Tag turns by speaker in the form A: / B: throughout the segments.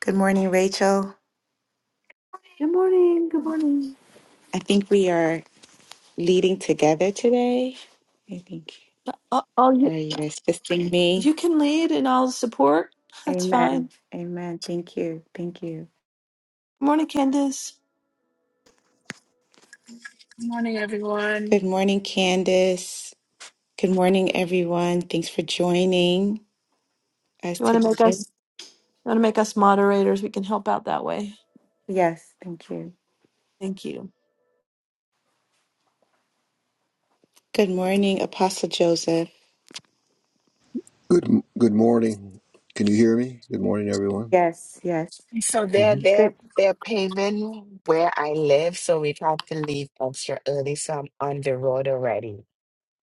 A: Good morning, Rachel.
B: Good morning. Good morning.
A: I think we are leading together today. I think.
B: Oh, oh,
A: Are
B: you
A: you guys fisting me?
B: you can lead and I'll support. That's fine.
A: Amen. Amen. Thank you. Thank you.
B: Good morning, Candace.
C: Good morning,
A: Good
C: everyone.
A: morning, Candace. Good morning, everyone. Thanks for joining us
B: You want to make
A: today.
B: us you want to make us moderators? We can help out that way.
A: Yes. Thank you.
B: Thank you.
A: Good morning, Apostle Joseph.
D: Good good morning. Can you hear me? Good morning, everyone.
A: Yes. Yes.
C: So they're
D: hmm
C: they're
A: Good.
C: they're paving where I live, so we've had to leave extra early. So I'm on the road already.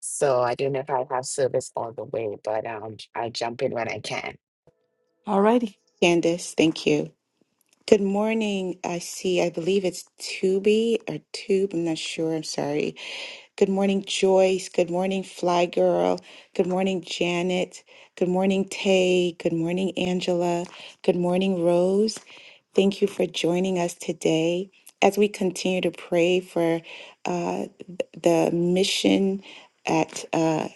C: So I don't know if I have service all the way, but um, I jump in when I can.
B: Alrighty.
A: Candace, thank you. Good morning. I see, I believe it's Tubi or Tube. I'm not sure. I'm sorry. Good morning, Joyce. Good morning, Fly Girl. Good morning, Janet. Good morning, Tay. Good morning, Angela. Good morning, Rose. Thank you for joining us today as we continue to pray for uh, th- the mission at. uh,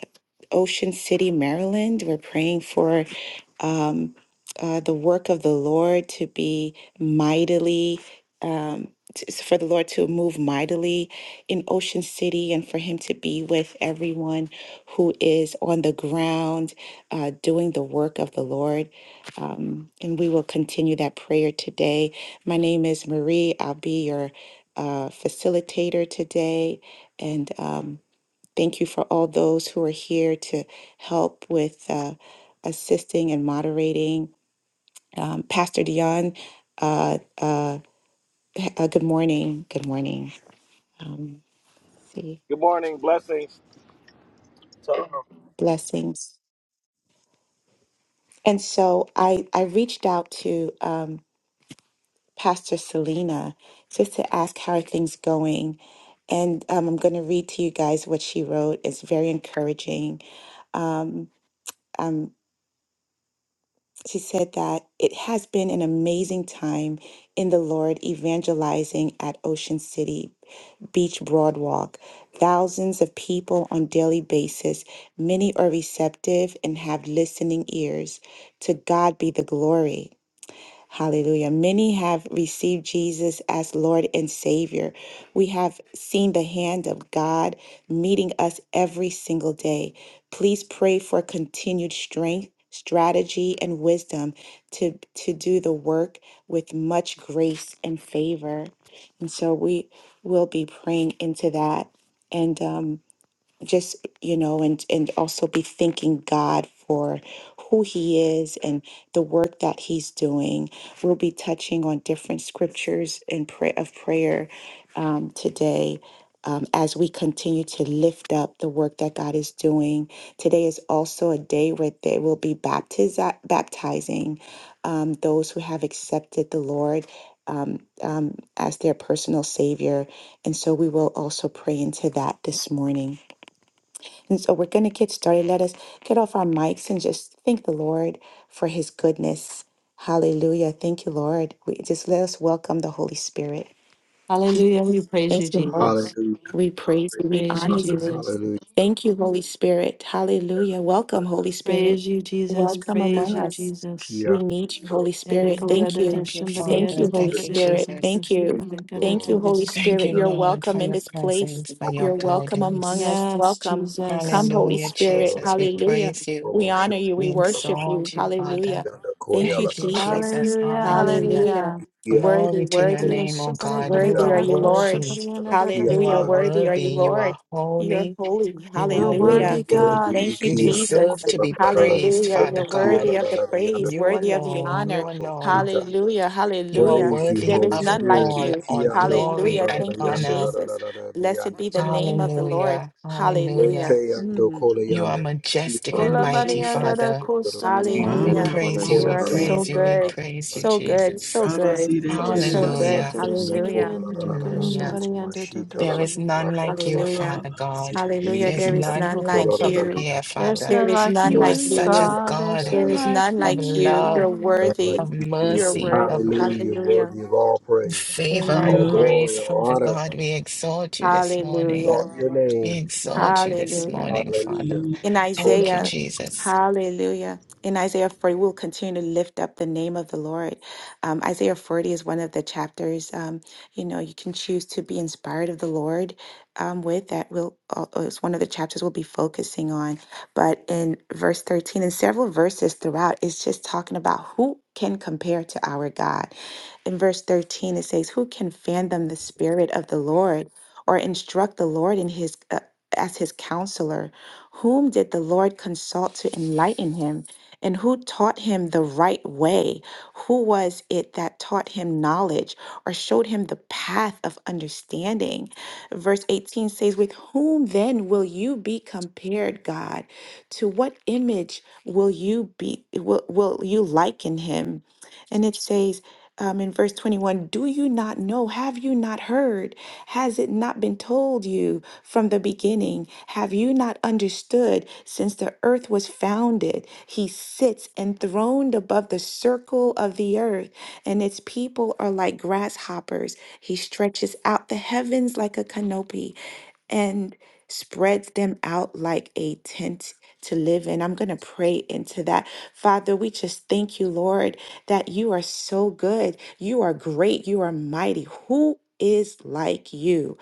A: Ocean City, Maryland. We're praying for um, uh, the work of the Lord to be mightily, um, t- s- for the Lord to move mightily in Ocean City and for Him to be with everyone who is on the ground uh, doing the work of the Lord. Um, and we will continue that prayer today. My name is Marie. I'll be your uh, facilitator today. And um, Thank you for all those who are here to help with uh, assisting and moderating. Um, Pastor Dion, uh, uh, uh, good morning. Good morning. Um, let's see
E: Good morning. Blessings. Tell them.
A: blessings. And so I I reached out to um, Pastor Selena just to ask how are things going. And um, I'm going to read to you guys what she wrote. It's very encouraging. Um, She said that it has been an amazing time in the Lord evangelizing at Ocean City Beach Broadwalk. Thousands of people on daily basis, many are receptive and have listening ears. To God be the glory. Hallelujah. Many have received Jesus as Lord and Savior. We have seen the hand of God meeting us every single day. Please pray for continued strength, strategy, and wisdom to, to do the work with much grace and favor. And so we will be praying into that. And um, just you know and and also be thanking god for who he is and the work that he's doing we'll be touching on different scriptures and pray of prayer um, today um, as we continue to lift up the work that god is doing today is also a day where they will be baptiz- baptizing um, those who have accepted the lord um, um, as their personal savior and so we will also pray into that this morning and so we're going to get started. Let us get off our mics and just thank the Lord for his goodness. Hallelujah. Thank you, Lord. We just let us welcome the Holy Spirit.
B: Hallelujah. We praise
A: Thank
B: you,
A: you, Lord.
B: Jesus.
D: Hallelujah.
A: We praise you. We
B: Praise you,
A: honor
D: Father.
A: you.
B: Jesus.
D: Hallelujah.
A: Thank you, Holy Spirit. Hallelujah. Welcome, Holy Spirit.
B: Praise you, Jesus.
A: Welcome
D: Yeah,
B: Praise
A: among
B: you,
A: us.
B: Jesus.
D: Kia,
A: We need you, Holy
D: Lord,
B: Yes,
A: Spirit. Thank you.
C: Thank you,
D: Holy
A: Thank
C: Father.
A: you, Holy
C: Thank
D: Spirit,
C: you,
A: Spirit.
C: Jesus.
A: Thank
D: we
A: you.
D: Lord,
A: Thank you,
D: Lord,
A: Holy
C: Thank
A: Spirit.
C: you,
D: Lord,
A: You're
C: Lord, for
A: welcome in
C: your
A: this place.
C: presence, for
D: welcome,
A: You're
C: your
D: Lord,
A: welcome among
C: guidance.
A: us. Welcome. Come,
B: Jesus.
A: Holy
C: Hallelujah,
D: Lord,
A: Spirit.
D: Lord,
C: Jesus. We
D: Lord,
A: Hallelujah.
C: praise you.
D: Lord,
A: We
D: Lord, Ship,
A: honor you.
C: We
A: We
D: Lord, Lord,
A: worship you.
C: exalt you, Father.
A: Hallelujah.
D: Yanda,
A: Thank
D: Koya,
A: you,
D: La,
C: Thank you,
D: La, La, La,
A: Jesus.
C: Jesus.
B: Hallelujah.
C: Hallelujah.
A: Hallelujah.
B: Hallelujah.
D: La, Kia, La, La,
A: Worthy,
C: Glory to your
A: worthy,
B: You're
C: name, O God. You
A: worthy
C: are
A: are you, Lord.
C: worthy.
D: La, La, Kia,
C: You
D: La,
A: Hallelujah.
D: La, La,
C: are
D: La,
A: Worthy are
C: worthy.
A: you,
C: You
A: Lord.
C: are
A: You're
C: holy.
A: holy.
C: You
D: you
C: are
D: worthy,
A: Hallelujah.
B: worthy,
C: worthy.
B: God.
D: worthy,
A: Thank you,
C: You
D: Kia, La,
A: Jesus.
C: deserve to
D: La,
C: be
D: La, La, La, La,
C: praised,
A: Hallelujah.
D: Yanda,
C: Father
A: You're
D: Kia,
C: God.
D: La,
A: worthy of the
D: La, La,
A: praise,
C: You
A: worthy of the
C: alone,
A: honor.
C: you
D: La,
C: alone.
D: Yanda,
A: Hallelujah.
C: You are
A: Hallelujah.
D: Praise you,
C: worthy
A: There
D: Holy
A: is
C: of it
A: none
D: Spirit.
A: like
C: all,
A: you.
C: all
D: Ikiando
C: glory
A: Hallelujah.
C: and
D: kolorara
A: Thank you,
D: yando
C: honor.
A: Jesus.
D: rararara
A: Blessed
D: biyando
A: be the name
D: rararara.
A: of the Lord.
C: Hallelujah,
D: Rete
C: hallelujah.
A: Hallelujah.
D: yando
A: Mm.
D: kole
C: You are
D: yando rararara
C: majestic
A: Thank
C: and
B: Ola
A: you,
C: mighty,
D: rararara
B: Mariana
A: Jesus.
B: da
C: Father.
D: yando rararara.
B: Costa
C: Oh,
B: Mariana
C: we
B: da
A: Hallelujah.
E: Ramana
D: Ikiando
C: praise you,
A: You
D: koya
B: Costa
E: Mama
C: we
A: are so
C: praise
E: City,
B: Sabariana.
C: you, we
A: good.
D: rararara mama
C: praise you,
A: So
D: mashita.
A: good.
C: Jesus.
A: So
E: Baba
A: good.
E: City,
D: Thank
B: There's
D: you,
A: So
B: somebody
A: good.
C: Hallelujah,
B: under
E: Kiribasanda,
B: the
D: yando
B: somebody
A: Hallelujah.
B: under the good
D: kolorara
C: hallelujah.
A: Mm.
D: mama
B: somebody under the
D: mashita
B: the-
C: There is
B: somebody.
C: none
D: rararara
C: like you,
D: rararara.
E: Baba
A: Hallelujah.
E: Baba
C: Father God.
E: City.
A: Hallelujah.
C: There's
A: There
D: Ikiando
A: is
C: none who
A: none
C: can
A: like
D: kolorara
A: you.
D: yando
C: compare,
B: There's
C: Father.
A: There
B: none
A: is
D: rararara
B: like
A: none
C: You
D: koya
C: are
A: like
B: you,
C: such
A: you.
C: a
D: rararara
B: God. There's
D: yando
C: God
A: There
B: none
D: rararara.
A: is
B: like
A: none
C: of
A: like
B: you,
A: you. You're
C: love,
D: None
B: God.
D: like
A: worthy.
C: of
D: you,
A: You're
D: Jesus.
C: mercy,
A: worthy.
C: of
D: Hallelujah.
A: Hallelujah.
D: Worthy of all praise,
C: favor
A: Amen.
D: all
C: and
E: You,
A: Amen.
D: glory,
C: grace,
D: all
C: Father
D: honor.
C: God. We exalt you this morning.
A: Hallelujah.
D: Exalt your name.
C: We exalt you this
A: Hallelujah.
C: morning, Father.
D: Hallelujah.
E: you.
A: In
D: Kola.
C: Thank you,
A: Isaiah,
C: Jesus.
A: hallelujah. In Isaiah 40, we'll continue to lift up the name of the Lord. Um, Isaiah 40 is one of the chapters, um, you know, you can choose to be inspired of the Lord um, with that. will uh, uh, it's one of the chapters we'll be focusing on. But in verse 13 and several verses throughout, it's just talking about who can compare to our God. In verse 13, it says, Who can fathom the spirit of the Lord or instruct the Lord in his, uh, as his counselor? Whom did the Lord consult to enlighten him? And who taught him the right way? Who was it that taught him knowledge or showed him the path of understanding? Verse 18 says, With whom then will you be compared, God? To what image will you be will, will you liken him? And it says um, in verse 21, Do you not know? Have you not heard? Has it not been told you from the beginning? Have you not understood since the earth was founded? He sits enthroned above the circle of the earth, and its people are like grasshoppers. He stretches out the heavens like a canopy and spreads them out like a tent to live in. I'm going to pray into that. Father, we just thank you, Lord that you are so good. You are great. You are mighty. Who is like you?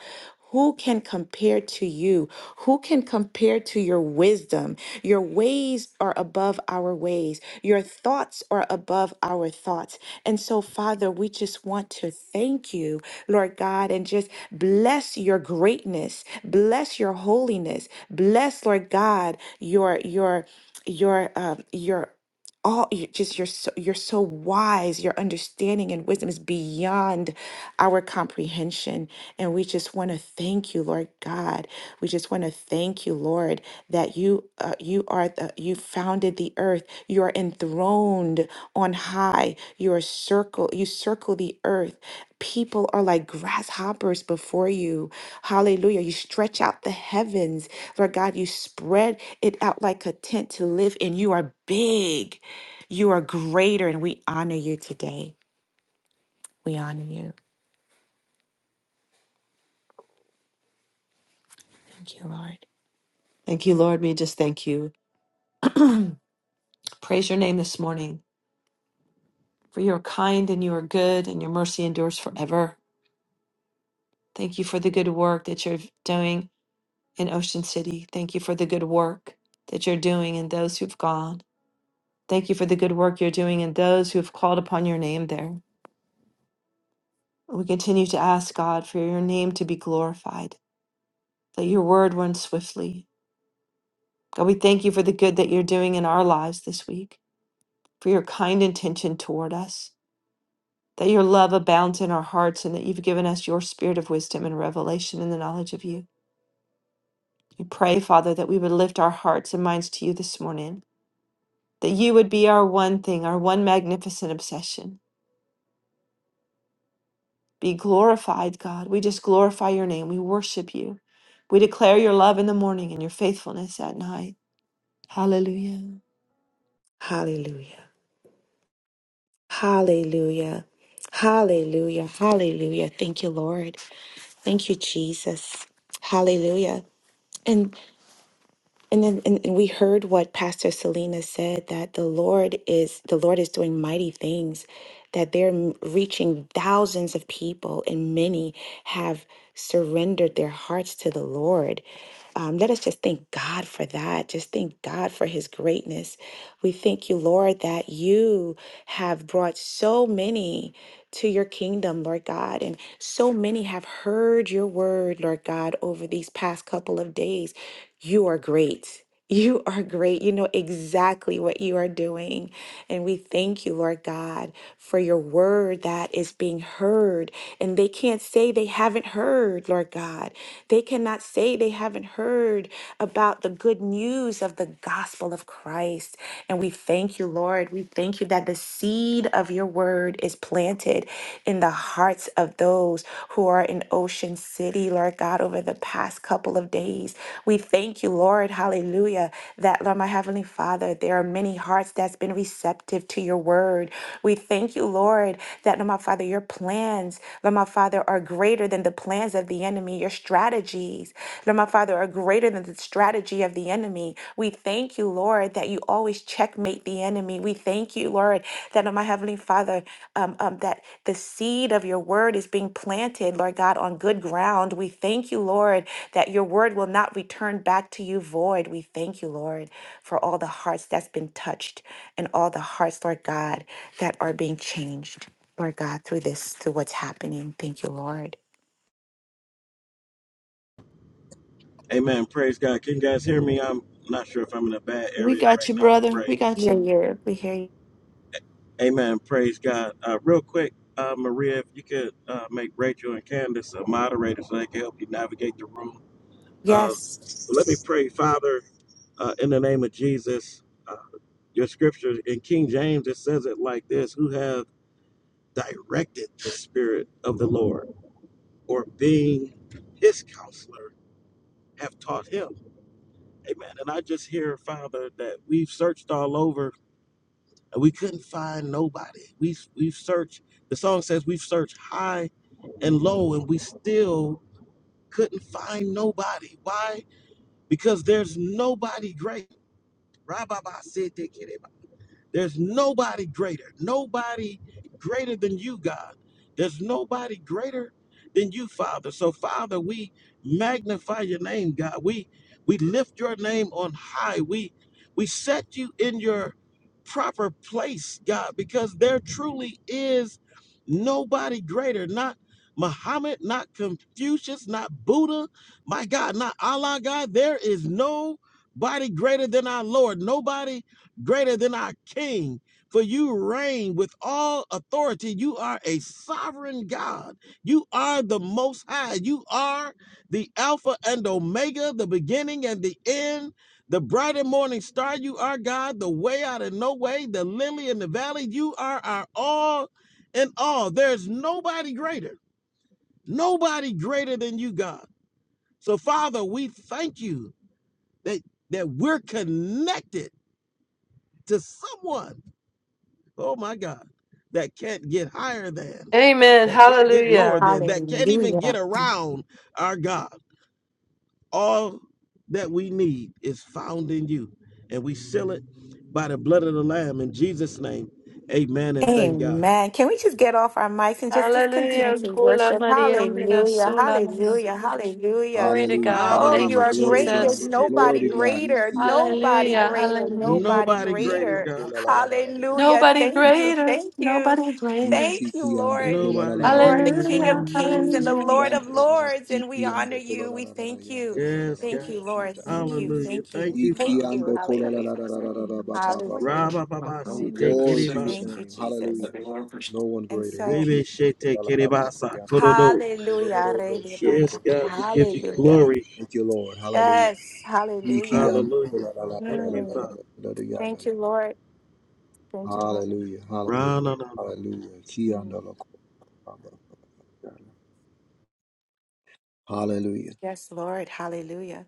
A: Who can compare to you? Who can compare to your wisdom? Your ways are above our ways. Your thoughts are above our thoughts. And so, Father, we just want to thank you, Lord God, and just bless your greatness, bless your holiness, bless, Lord God, your your your uh, your all you just you're so you're so wise your understanding and wisdom is beyond our comprehension and we just want to thank you lord god we just want to thank you lord that you uh, you are the you founded the earth you are enthroned on high you are circle you circle the earth people are like grasshoppers before you hallelujah you stretch out the heavens lord god you spread it out like a tent to live in you are big you are greater, and we honor you today. We honor you. Thank you, Lord.
B: Thank you, Lord. We just thank you. Praise your name this morning, for you are kind and you are good, and your mercy endures forever. Thank you for the good work that you're doing in Ocean City. Thank you for the good work that you're doing in those who've gone. Thank you for the good work you're doing in those who have called upon your name there. We continue to ask God for your name to be glorified, that your word run swiftly. God, we thank you for the good that you're doing in our lives this week, for your kind intention toward us, that your love abounds in our hearts, and that you've given us your spirit of wisdom and revelation in the knowledge of you. We pray, Father, that we would lift our hearts and minds to you this morning that you would be our one thing, our one magnificent obsession. Be glorified, God. We just glorify your name. We worship you. We declare your love in the morning and your faithfulness at night. Hallelujah.
A: Hallelujah. Hallelujah. Hallelujah. Hallelujah. Thank you, Lord. Thank you, Jesus. Hallelujah. And. And then and, and we heard what Pastor Selena said that the Lord is the Lord is doing mighty things, that they're m- reaching thousands of people, and many have surrendered their hearts to the Lord. Um, let us just thank God for that. Just thank God for His greatness. We thank you, Lord, that you have brought so many to your kingdom, Lord God, and so many have heard your word, Lord God, over these past couple of days. You are great. You are great. You know exactly what you are doing. And we thank you, Lord God, for your word that is being heard. And they can't say they haven't heard, Lord God. They cannot say they haven't heard about the good news of the gospel of Christ. And we thank you, Lord. We thank you that the seed of your word is planted in the hearts of those who are in Ocean City, Lord God, over the past couple of days. We thank you, Lord, hallelujah, that, Lord, my Heavenly Father, there are many hearts that's been receptive to your word. We thank you, Lord, that, Lord, my Father, your plans, Lord, my Father, are greater than the plans of the enemy. Your strategies, Lord, my Father, are greater than the strategy of the enemy. We thank Thank you, Lord, that you always checkmate the enemy. We thank you, Lord, that oh, my heavenly Father, um, um, that the seed of your word is being planted, Lord God, on good ground. We thank you, Lord, that your word will not return back to you void. We thank you, Lord, for all the hearts that's been touched and all the hearts, Lord God, that are being changed, Lord God, through this, through what's happening. Thank you, Lord.
E: Amen. Praise God. Can you guys hear me? I'm not sure if I'm in a bad
B: We
E: area
B: got
E: right
B: you,
E: now to
B: brother. We
E: pray.
B: got
A: Yeah,
B: you.
A: yeah, we hear you.
E: Amen. Praise God. Uh, real quick, uh, Maria, if you could uh, make Rachel and Candace a moderator so they can help you navigate the room. Uh,
A: Yes.
E: let me pray, Father, uh, in the name of Jesus. Uh, your scripture in King James, it says it like this Who have directed the Spirit of the Lord or being his counselor have taught him. Amen. And I just hear, Father, that we've searched all over and we couldn't find nobody. We, we've searched, the song says we've searched high and low and we still couldn't find nobody. Why? Because there's nobody great. There's nobody greater, nobody greater than you, God. There's nobody greater than you, Father. So, Father, we magnify your name, God. We we lift your name on high. We we set you in your proper place, God, because there truly is nobody greater, not Muhammad, not Confucius, not Buddha, my God, not Allah, God. There is nobody greater than our Lord. Nobody greater than our king. For you reign with all authority. You are a sovereign God. You are the most high. You are the Alpha and Omega, the beginning and the end, the bright and morning star. You are God, the way out of no way, the lily in the valley. You are our all in all. There's nobody greater, nobody greater than you, God. So, Father, we thank you that, that we're connected to someone Oh my God. That can't get higher than,
B: Amen.
E: that can't get lower
B: Hallelujah.
E: than, that can't
A: Hallelujah.
E: even get around our God. All that we need is found in you. And we seal it by the blood of the Lamb. In Jesus' name, amen and thank God.
A: Amen. Can we just get off our mics and just, just continue
B: Hallelujah.
A: to worship?
B: Kuliam
A: Hallelujah.
B: Bidasuna.
A: Hallelujah. Hallelujah.
B: Lord,
D: Hallelujah.
B: I
A: Oh,
B: Thank
A: you
D: Hallelujah.
A: are
D: Glory to
A: great. There's
D: God.
B: us.
D: Glory to
A: nobody
E: Ra-ba-ba-ba-si-tiki-shi-tiki.
D: God.
A: greater.
D: Iki ando
A: Nobody
D: kola
B: Hallelujah.
D: la la la.
A: greater.
D: No
B: Hallelujah.
D: one.
A: Nobody
E: Nobody
D: Iki
E: greater,
D: ando
A: greater.
E: God.
D: kola la la la la. Yanda la.
A: Hallelujah.
B: Nobody
A: Thank
D: Ika.
A: you.
B: greater.
A: Thank you.
B: Nobody greater.
A: Thank
D: Ishi
A: you,
D: ando
A: Lord.
D: kola la la
E: Nobody
D: la
A: You
D: la.
A: are the
E: greater
D: Ba ba
A: King of
B: Hallelujah.
E: than
D: ba ba ba
A: Kings and the
D: ba.
E: you.
B: Hallelujah.
A: Lord
D: Shanda
A: of
D: la la la.
A: Lords, and
D: Iki
A: we honor
D: ando kola
A: you.
D: la
A: We
D: la la la.
A: thank you.
D: Yanda la la la
E: Yes,
D: la. Ba
E: God.
A: Thank
D: ba.
A: you, Lord.
D: Shita.
A: Thank you.
E: Hallelujah.
A: Thank you.
E: Thank you,
A: Thank
D: Iki
E: Father.
A: you.
D: ando
B: Woke
D: kola
B: up
D: la
B: at
A: Hallelujah.
D: la la
B: five
D: la la
B: thirty
D: la.
B: and
D: la.
B: I
D: Ba
B: was
D: ba
B: just
D: ba ba
B: awake.
D: ba.
A: Hallelujah. Mm.
D: Glory to your
E: Ra-ba-ba-ba-si-tiki-ri-ba-sa.
A: Thank you,
D: name.
A: Jesus.
D: Hallelujah. No one
A: And
D: greater.
A: so,
D: Iki
E: Rebe
D: ando
E: shete
D: kola la la la. la.
E: kerebasa
D: Yanda
E: korodo.
A: hallelujah. Rede
E: Yes,
A: baka-
E: God,
D: la.
E: we give you
A: Hallelujah.
E: glory.
D: Thank you, Lord. Hallelujah.
A: Yes, hallelujah.
D: Ikiyan-
E: Hallelujah. Thank you,
A: Mm,
E: Father.
D: Hallelujah.
A: Thank you, Lord. Thank you, Lord.
D: Hallelujah.
E: Ra-na-na-na.
D: Hallelujah.
A: Mm,
D: Kiyandala- Hallelujah.
A: Yes, Lord. Hallelujah.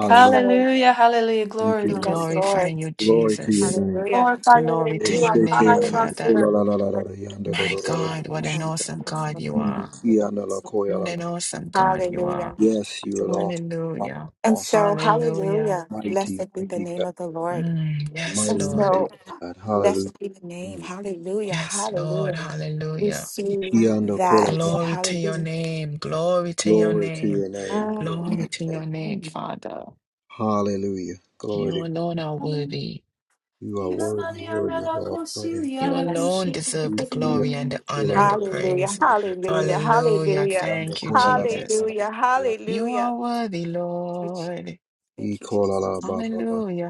A: And so,
B: Hallelujah, hallelujah,
D: Thank
B: glory,
C: We
D: you, Lord
B: Lord.
A: yes,
C: glorify
D: Jesus.
A: Lord.
C: you,
D: Glory to your
C: Jesus.
D: name.
A: Hallelujah.
B: Glorify your
C: Glory
B: name.
C: to
B: You
C: your
B: are high
C: name,
A: Hallelujah.
D: Eshekeyandu
B: above the
C: Father.
B: earth.
D: kolalalalala
C: My
B: You
D: yandalorororo
C: God, what
A: Yes,
C: an
D: shita.
A: Lord.
C: awesome
A: Yes,
C: God you
D: Mm,
C: are.
A: Lord.
D: kiyandala
C: What
D: koyalala.
C: an awesome God you are.
A: Hallelujah.
D: Yes, you are
A: Hallelujah.
D: awesome,
C: Hallelujah.
D: awesome,
A: And
D: awesome,
A: so,
C: Hallelujah.
A: hallelujah.
D: mighty,
A: Blessed be the
D: mighty
A: name
D: God,
A: of the Lord.
C: Mm, yes,
A: And
D: mighty,
C: Lord.
D: mighty
A: so,
D: God.
A: blessed be the
D: Hallelujah.
A: name.
D: Mm.
A: Hallelujah.
C: Yes, Lord.
A: Hallelujah. We
C: Hallelujah.
A: see that.
D: Kianda
C: Glory to your
A: Hallelujah.
C: name. Glory to your
D: Glory to
C: name.
D: your name, your
C: Glory
A: Mm.
D: mighty
C: to
D: name.
C: your name,
A: Yes,
C: Father.
D: Hallelujah. Glory
C: You
D: to
C: alone are worthy.
D: you are worthy, worthy of all praise.
C: You
A: yes.
C: alone deserve
D: You
C: the
D: see, uh,
C: glory and the honor and the
A: Hallelujah.
C: praise.
A: Hallelujah.
C: Hallelujah.
A: Hallelujah.
C: Thank you, Jesus.
A: Hallelujah.
C: You
A: Hallelujah.
C: are worthy,
A: Thank you, Jesus.
C: Lord.
D: E
A: Thank you,
D: kola la
A: Jesus.
D: ba ba ba.
C: Hallelujah.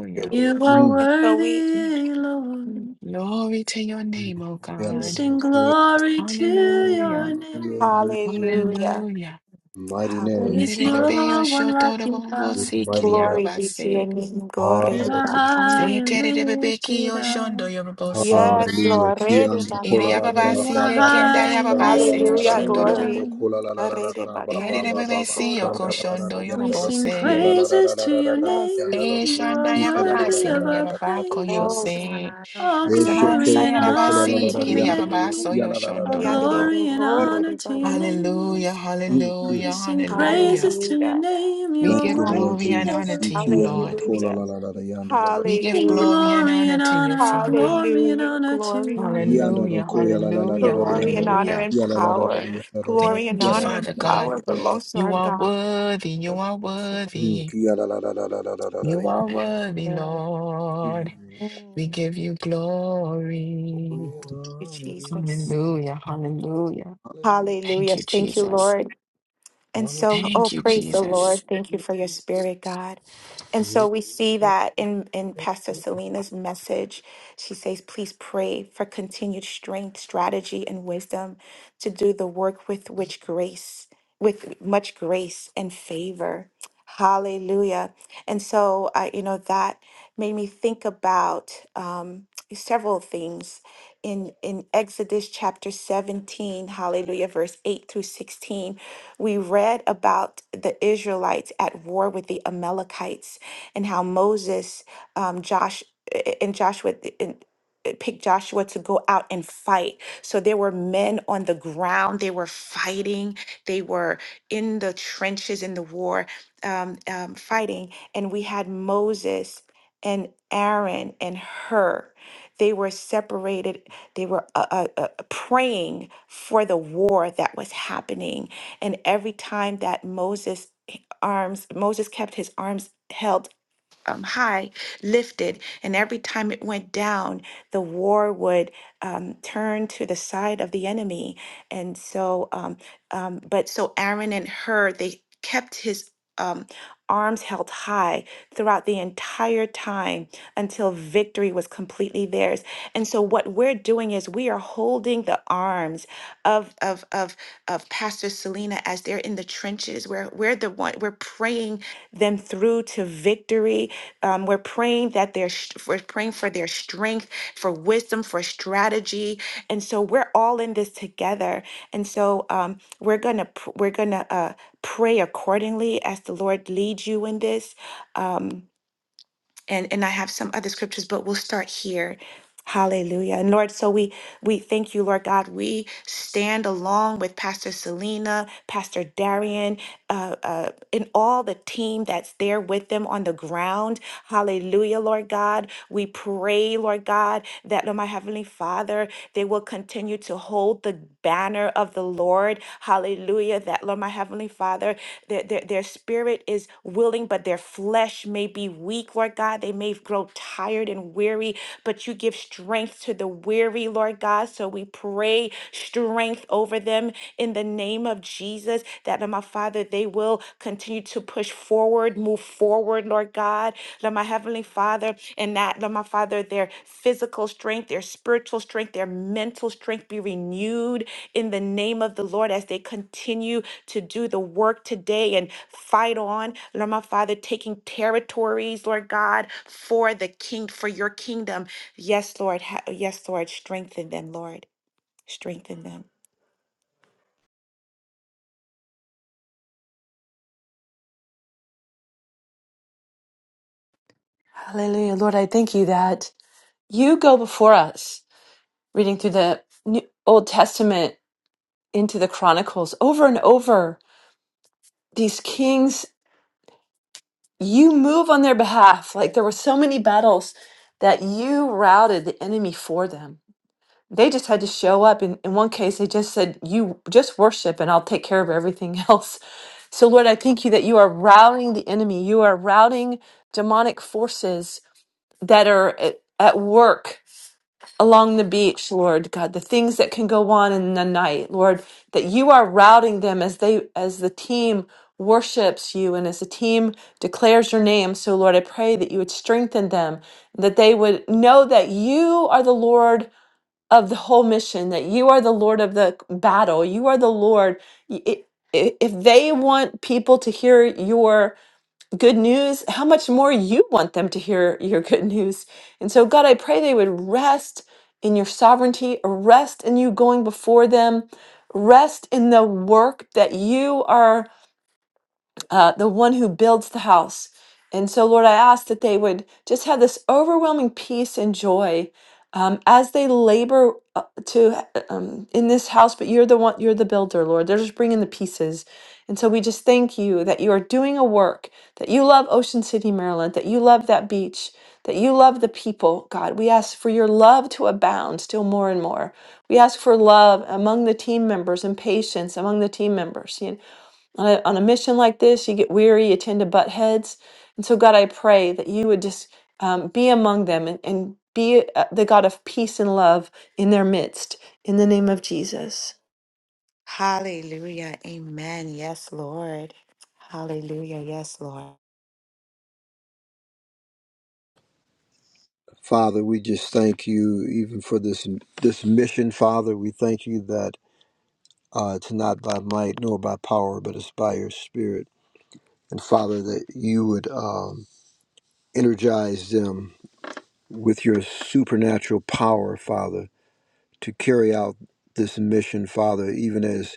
D: Thank you, Lord.
B: are
D: Mm.
A: And so we
B: worthy, Lord.
C: Glory to your name, O
D: Yeah,
B: We
D: la
C: God.
D: la la.
B: sing
D: Kola.
B: glory to
C: Hallelujah.
B: your name.
D: Your name,
A: hallelujah.
C: Hallelujah.
D: mighty
B: There
D: name.
B: is
D: Hallelujah.
C: Yererebebe
B: no one like you,
D: You're
B: God.
C: oshotorerobobosi
D: Mighty,
A: Glory be to your
C: kiriyababase.
A: name. Glory
B: You
A: be
D: mighty.
B: are
A: to
B: high
A: you.
B: and
C: Zetererebebeki
B: lifted up.
C: oshondoyorobosi.
A: Yes,
D: Hallelujah.
A: Lord. Rede
D: Kiando kola
A: bakande
D: la la
A: de
D: la
B: You
C: Iriyababasi
D: ba
B: are
A: boso.
D: ba ba ba
B: high and
D: shanda la
C: yekendayababase
D: la la la
A: Hallelujah.
D: la
B: lifted up.
D: biando
A: Glory.
C: yoshondorobobo.
D: kola la la la la
A: Rede
D: la ba ba
A: bakande de
D: ba ba ba
C: Ererebebesi
A: bokoro
D: shanda
A: do
D: la la la
A: boso.
B: We
D: biando la la
B: sing
C: yokoshondoyorobose.
D: kia la la la la
B: praises
D: la
B: to
D: la la
B: your
D: la la
A: Yes. Yes.
D: biando la
B: name.
D: la
B: You
D: la
B: are
A: yes.
D: kita la la la
C: Eshandayababasi
B: worthy
D: la la
B: of
D: la la
B: our
D: la la
A: Oh
D: shaka.
C: liriyababakoyose.
B: praise.
A: God.
B: All
D: Eshe
B: glory and
D: kiando kola la
C: Semansayarabasi
B: honor
D: la
B: to
D: la
B: your
D: biando la la
C: kiriyababaso
B: name.
D: kia la la la la
B: All
A: Hallelujah.
D: biando
C: yoshondorobobo.
D: la
B: glory
D: la
B: and
D: kia la
B: honor to
D: la la
B: your
D: la.
B: name.
C: Hallelujah,
D: Mm,
B: We
D: mm.
C: hallelujah,
B: sing
C: hallelujah.
B: praises to your
A: Hallelujah.
B: name. You
C: We
B: are
D: Thank
C: give
D: you, Lord
C: glory
B: worthy
C: and
B: of
C: honor
D: Jesus.
B: our
C: to you,
D: Kiando
C: Lord.
D: kola
A: Hallelujah.
D: la la la la biando la la
C: We give
B: Sing
C: glory and
B: glory
C: honor
B: and
C: to you,
B: honor,
C: Father.
B: glory and
A: Hallelujah.
B: honor to
A: Glory and
B: your
A: honor,
D: Yanda la
C: Hallelujah,
D: ko ya
B: name.
D: la la la la
C: hallelujah,
D: la la
A: glory
D: yanda
A: and
D: la ko
A: honor
C: hallelujah.
A: and
D: ya la la la la la
A: power.
D: yanda la la
A: Glory and
C: Thank
D: ya
C: you,
D: la
A: honor
D: la
A: and
D: la
C: Father
D: la la
C: God.
A: power
D: yanda la la
A: belongs to
C: You
A: our
C: are
A: God.
C: worthy, you are
D: Mm,
C: worthy,
D: ya la la la la la la la la la
C: you are worthy,
A: Mm.
C: Lord.
D: Mm.
C: We
A: Thank
C: give you glory.
D: Oh, yeah,
A: you, Jesus.
C: Hallelujah, hallelujah.
D: hallelujah,
C: Thank
A: Hallelujah.
C: you,
A: Thank you,
C: Jesus.
A: Lord. And
D: hallelujah.
A: so, oh,
C: Thank you,
A: praise the
C: Jesus.
A: Lord. Thank you for your spirit, God. And so we see that in, in Pastor Selena's message. She says, please pray for continued strength, strategy, and wisdom to do the work with which grace, with much grace and favor. Hallelujah. And so, uh, you know, that made me think about um, several things in, in Exodus chapter 17, hallelujah, verse 8 through 16. We read about the Israelites at war with the Amalekites and how Moses, um, Josh, and Joshua and uh, picked Joshua to go out and fight. So there were men on the ground. They were fighting. They were in the trenches in the war, um, um, fighting. And we had Moses and Aaron and her. They were separated. They were uh, uh, uh, praying for the war that was happening. And every time that Moses arms, Moses kept his arms held um, high lifted, and every time it went down, the war would um, turn to the side of the enemy. And so, um, um, but so Aaron and her, they kept his um, arms held high throughout the entire time until victory was completely theirs. And so, what we're doing is we are holding the arms of of of of Pastor Selena as they're in the trenches. We're we're the one we're praying them through to victory um, we're praying that their sh- we're praying for their strength, for wisdom, for strategy, and so we're all in this together. And so um, we're gonna pr- we're gonna uh, pray accordingly as the Lord leads you in this. Um, and and I have some other scriptures, but we'll start here. Hallelujah. And Lord, so we we thank you, Lord God. We stand along with Pastor Selena, Pastor Darian, uh, uh, and all the team that's there with them on the ground. Hallelujah, Lord God. We pray, Lord God, that Lord, my Heavenly Father, they will continue to hold the banner of the Lord. Hallelujah. That Lord, my Heavenly Father, their, their, their spirit is willing, but their flesh may be weak, Lord God. They may grow tired and weary, but you give strength to the weary, Lord God. So we pray strength over them in the name of Jesus, that, Lord, my Father, they will continue to push forward, move forward, Lord God. Lord, my Heavenly Father, and that, Lord, my Father, their physical strength, their spiritual strength, their mental strength be renewed in the name of the Lord as they continue to do the work today and fight on, Lord my Father, taking territories, Lord God, for the king, for your kingdom. Yes, Lord. Ha- Yes, Lord. Strengthen them, Lord. Strengthen them.
B: Hallelujah. Lord, I thank you that you go before us. reading through the New- Old Testament into the Chronicles over and over. These kings, you move on their behalf. Like there were so many battles that you routed the enemy for them. They just had to show up. In, in one case, they just said, You just worship and I'll take care of everything else. So, Lord, I thank you that you are routing the enemy. You are routing demonic forces that are at, at work along the beach, Lord God, the things that can go on in the night, Lord, that you are routing them as they as the team worships you and as the team declares your name. So Lord, I pray that you would strengthen them, that they would know that you are the Lord of the whole mission, that you are the Lord of the battle. You are the Lord. Y- i- i- If they want people to hear your good news, how much more you want them to hear your good news. And so, God, I pray they would rest in your sovereignty, rest in you going before them, rest in the work that you are uh, the one who builds the house. And so, Lord, I ask that they would just have this overwhelming peace and joy um, as they labor uh, to uh, um, in this house. But you're the one, you're the builder, Lord. They're just bringing the pieces. And so we just thank you that you are doing a work, that you love Ocean City, Maryland, that you love that beach, that you love the people, God. We ask for your love to abound still more and more. We ask for love among the team members and patience among the team members on a, on a mission like this, you get weary, you tend to butt heads. And so, God, I pray that you would just um, be among them and, and be uh, the God of peace and love in their midst. In the name of Jesus.
A: Hallelujah. Amen. Yes, Lord. Hallelujah. Yes, Lord.
D: Father, we just thank you even for this this mission, Father. We thank you that uh, it's not by might nor by power, but it's by your Spirit. And Father, that you would um, energize them with your supernatural power, Father to carry out this mission, Father, even as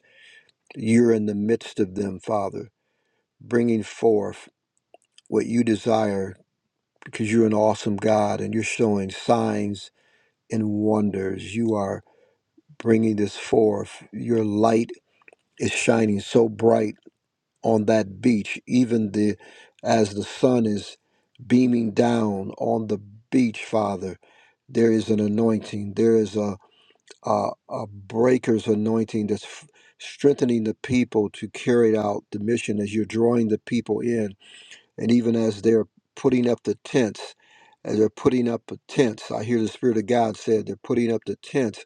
D: you're in the midst of them, Father, bringing forth what you desire because you're an awesome God and you're showing signs and wonders. You are bringing this forth. Your light is shining so bright on that beach, even the as the sun is beaming down on the beach, Father. There is an anointing. There is a uh, a breaker's anointing that's f- strengthening the people to carry out the mission as you're drawing the people in. And even as they're putting up the tents, as they're putting up the tents, I hear the Spirit of God said they're putting up the tents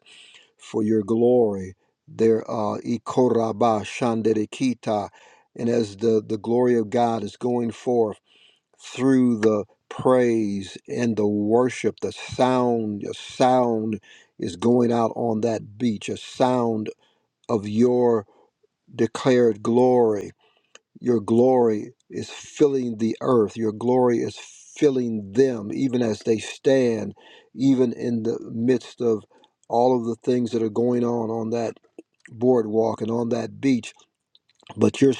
D: for your glory. They're uh, ikoraba shanderekita. And as the, the glory of God is going forth, through the praise and the worship, the sound, a sound is going out on that beach, a sound of your declared glory. Your glory is filling the earth, your glory is filling them, even as they stand, even in the midst of all of the things that are going on on that boardwalk and on that beach. But you're.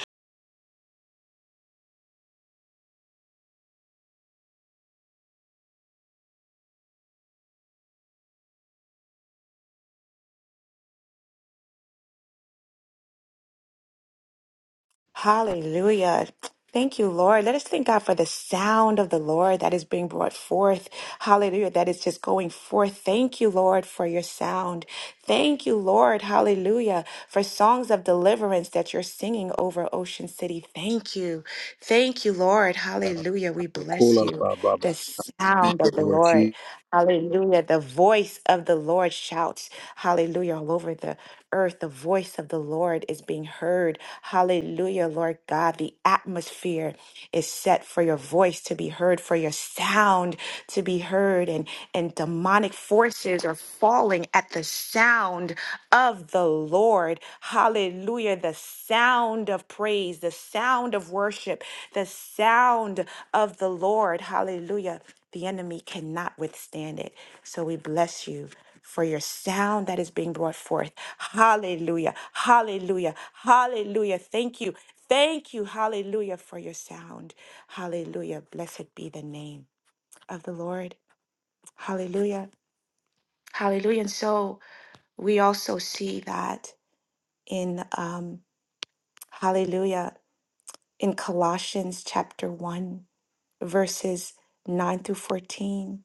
A: Hallelujah. Thank you, Lord. Let us thank God for the sound of the Lord that is being brought forth. Hallelujah. That is just going forth. Thank you, Lord, for your sound. Thank you, Lord. Hallelujah. For songs of deliverance that you're singing over Ocean City. Thank you. Thank you, Lord. Hallelujah. We bless you. The sound of the
D: Lord
A: Lord.
D: Jesus.
A: Hallelujah. The voice of the Lord shouts, hallelujah, all over the earth. The voice of the Lord is being heard. Hallelujah, Lord God. The atmosphere is set for your voice to be heard, for your sound to be heard. And, and demonic forces are falling at the sound of the Lord. Hallelujah. The sound of praise, the sound of worship, the sound of the Lord. Hallelujah. The enemy cannot withstand it. So we bless you for your sound that is being brought forth. Hallelujah. Hallelujah. Hallelujah. Thank you. Thank you. Hallelujah for your sound. Hallelujah. Blessed be the name of the Lord. Hallelujah. Hallelujah. And so we also see that in um, Hallelujah in Colossians chapter 1. verses 9 through 14.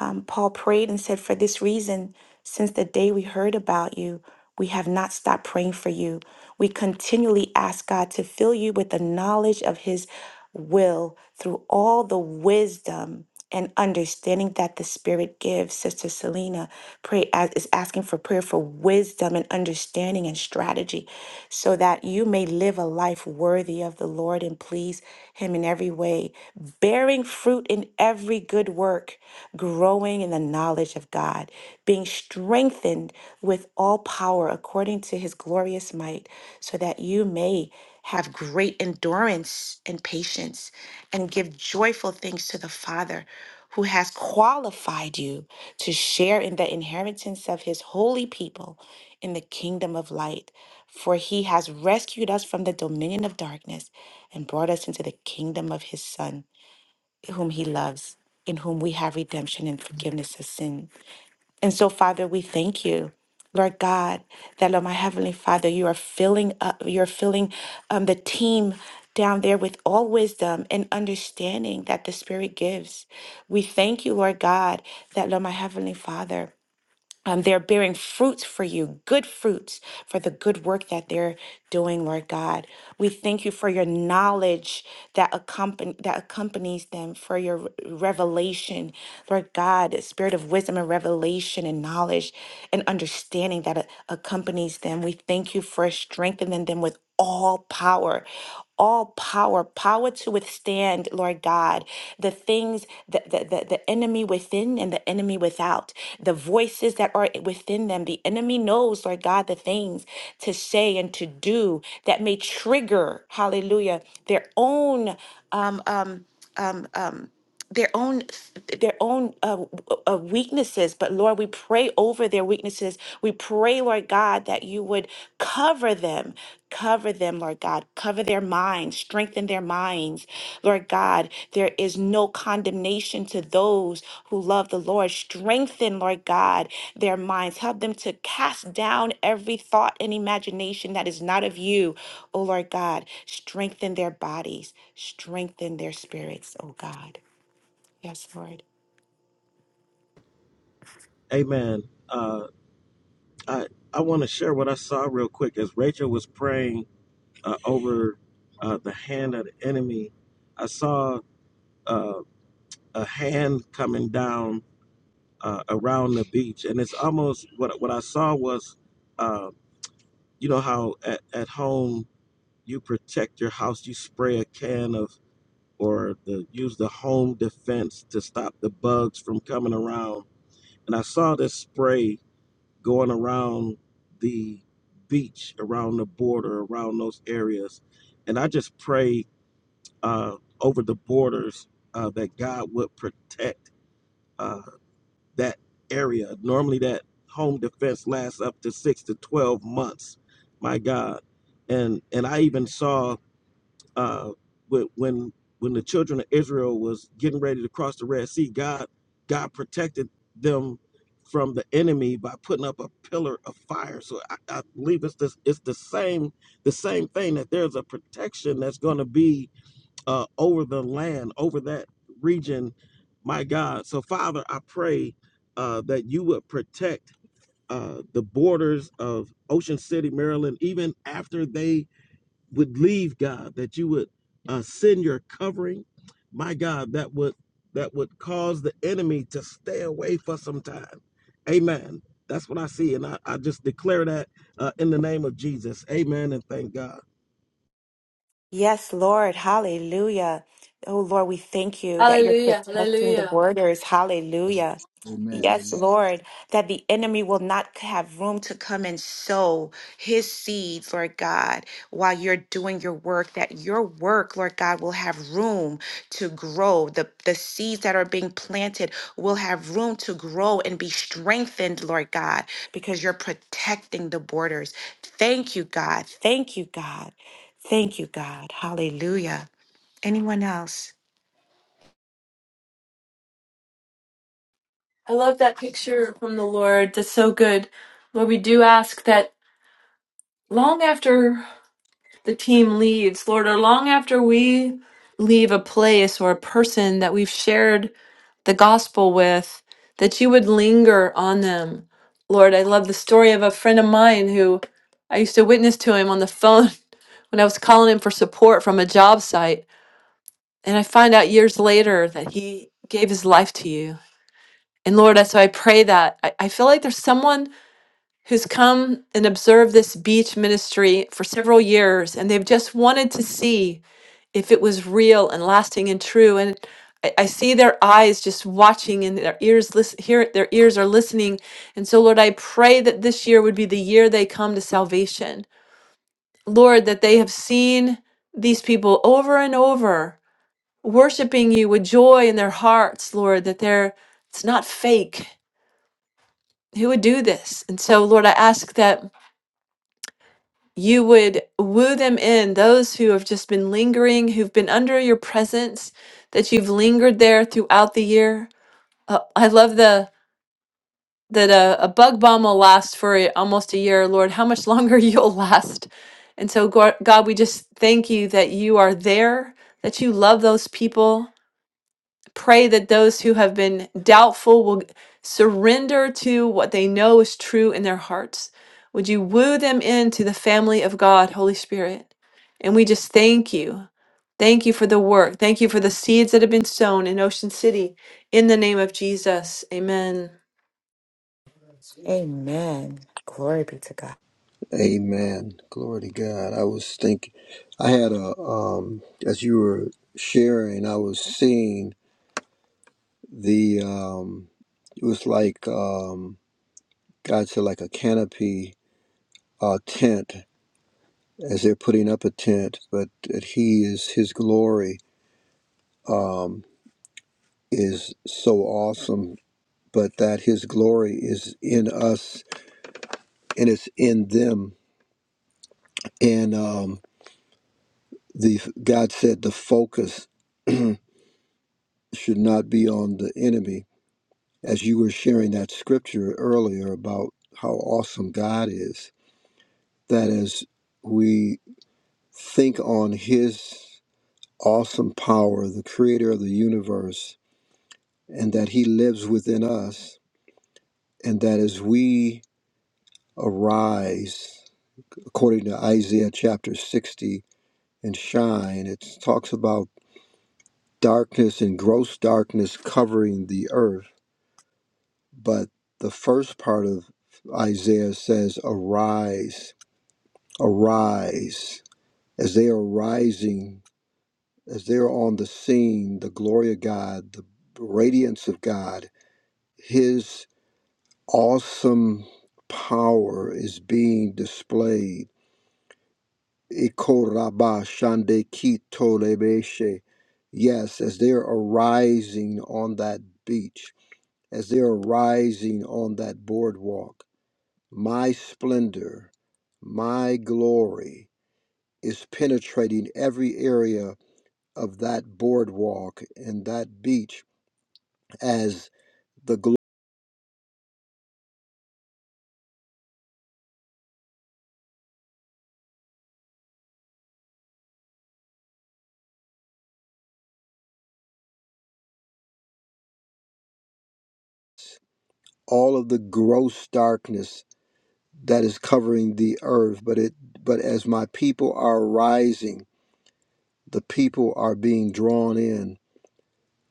A: Um, Paul prayed and said, For this reason, since the day we heard about you, we have not stopped praying for you. We continually ask God to fill you with the knowledge of his will through all the wisdom and understanding that the Spirit gives. Sister Selena pray as is asking for prayer for wisdom and understanding and strategy, so that you may live a life worthy of the Lord and please Him in every way, bearing fruit in every good work, growing in the knowledge of God, being strengthened with all power according to His glorious might, so that you may have great endurance and patience, and give joyful thanks to the Father who has qualified you to share in the inheritance of his holy people in the kingdom of light. For he has rescued us from the dominion of darkness and brought us into the kingdom of his Son, whom he loves, in whom we have redemption and forgiveness of sin and so, Father, we thank you. Lord God, that Lord, my heavenly Father, you are filling up, you're filling um, the team down there with all wisdom and understanding that the Spirit gives. We thank you, Lord God, that Lord, my heavenly Father. Um, they're bearing fruits for you, good fruits for the good work that they're doing, Lord God. We thank you for your knowledge that accompany that accompanies them, for your re- revelation, Lord God, the spirit of wisdom and revelation and knowledge and understanding that a- accompanies them. We thank you for strengthening them with all power, all power, power to withstand, Lord God, the things that the, the, the enemy within and the enemy without, the voices that are within them. The enemy knows, Lord God, the things to say and to do that may trigger, hallelujah, their own um um um um their own their own uh, w- uh, weaknesses but lord we pray over their weaknesses we pray lord god that you would cover them cover them lord god cover their minds strengthen their minds lord god there is no condemnation to those who love the lord strengthen lord god their minds help them to cast down every thought and imagination that is not of you oh lord god strengthen their bodies strengthen their spirits oh god Yes, Lord.
E: Amen. Uh, I, I want to share what I saw real quick. As Rachel was praying uh, over uh, the hand of the enemy, I saw uh, a hand coming down uh, around the beach. And it's almost what, what I saw was, uh, you know, how at, at home you protect your house, you spray a can of or the use the home defense to stop the bugs from coming around. And I saw this spray going around the beach, around the border, around those areas. And I just pray uh, over the borders uh, that God would protect uh, that area. Normally, that home defense lasts up to six to 12 months. My God. And, and I even saw uh, when when when the children of Israel was getting ready to cross the Red Sea, God God protected them from the enemy by putting up a pillar of fire. So I, I believe it's this it's the same the same thing that there's a protection that's going to be uh, over the land over that region. My God, so Father, I pray uh, that you would protect. Uh, the borders of Ocean City, Maryland, even after they would leave God, that you would uh, send your covering, my God, that would that would cause the enemy to stay away for some time. Amen. That's what I see, and I, I just declare that uh, in the name of Jesus. Amen, and thank God.
A: Yes, Lord. Hallelujah. Oh, Lord, we thank you that you're
B: Hallelujah,
A: protecting the
B: hallelujah.
A: borders. Hallelujah.
D: Amen. Amen.
A: Yes, Lord, that the enemy will not have room to come and sow his seeds, Lord God, while you're doing your work, that your work, Lord God, will have room to grow. The, the seeds that are being planted will have room to grow and be strengthened, Lord God, because you're protecting the borders. Thank you, God. Thank you, God. Thank you, God. Hallelujah. Anyone else?
B: I love that picture from the Lord. That's so good. Lord, we do ask that long after the team leaves, Lord, or long after we leave a place or a person that we've shared the gospel with, that you would linger on them. Lord, I love the story of a friend of mine who I used to witness to him on the phone when I was calling him for support from a job site. And I find out years later that he gave his life to you. And Lord, I- so I pray that I, I feel like there's someone who's come and observed this beach ministry for several years and they've just wanted to see if it was real and lasting and true and I, I see their eyes just watching and their ears listen hear their ears are listening and so lord i pray that this year would be the year they come to salvation lord that they have seen these people over and over worshiping you with joy in their hearts lord that they're it's not fake who would do this and so lord i ask that you would woo them in, those who have just been lingering, who've been under your presence, that you've lingered there throughout the year. Uh, I love the that a, a bug bomb will last for a- almost a year, Lord. How much longer you'll last? And so, Gor- God, we just thank you that you are there, that you love those people, Pray that those who have been doubtful will surrender to what they know is true in their hearts. Would you woo them into the family of God, Holy Spirit? And we just thank you. Thank you for the work. Thank you for the seeds that have been sown in Ocean City. In the name of Jesus, amen.
A: Amen. Glory be to God.
D: Amen. Glory to God. I was thinking, I had a, um, as you were sharing, I was seeing the, um, it was like, um, God said, like a canopy, uh, tent, as they're putting up a tent, but that He is, His glory, um, is so awesome, but that His glory is in us and it's in them. And, um, the, God said, the focus. should not be on the enemy. As you were sharing that scripture earlier about how awesome God is, that as we think on His awesome power, the creator of the universe, and that He lives within us, and that as we arise, according to Isaiah chapter 60, and shine, it talks about darkness and gross darkness covering the earth but the first part of Isaiah says, Arise, arise. As they are rising, as they are on the scene, the glory of God, the radiance of God, His awesome power is being displayed. Ikoraba shande kito lebeshe. Yes, as they are arising on that beach, as they are rising on that boardwalk My splendor, my glory is penetrating every area of that boardwalk and that beach as the gl- all of the gross darkness that is covering the earth but it but as my people are rising the people are being drawn in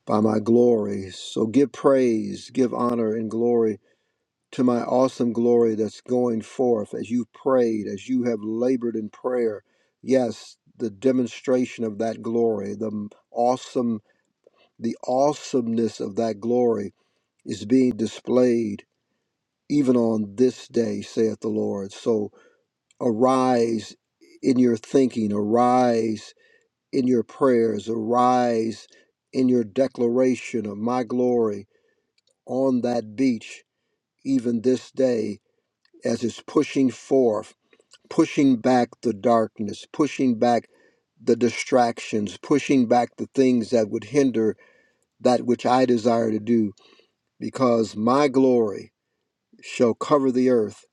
D: by my glory so give praise give honor and glory to my awesome glory that's going forth as you've prayed, as you have labored in prayer. Yes, the demonstration of that glory, the awesome, the awesomeness of that glory is being displayed even on this day, saith the Lord. So arise in your thinking, arise in your prayers, arise in your declaration of my glory on that beach, even this day, as it's pushing forth pushing back the darkness, pushing back the distractions, pushing back the things that would hinder that which I desire to do, because my glory shall cover the earth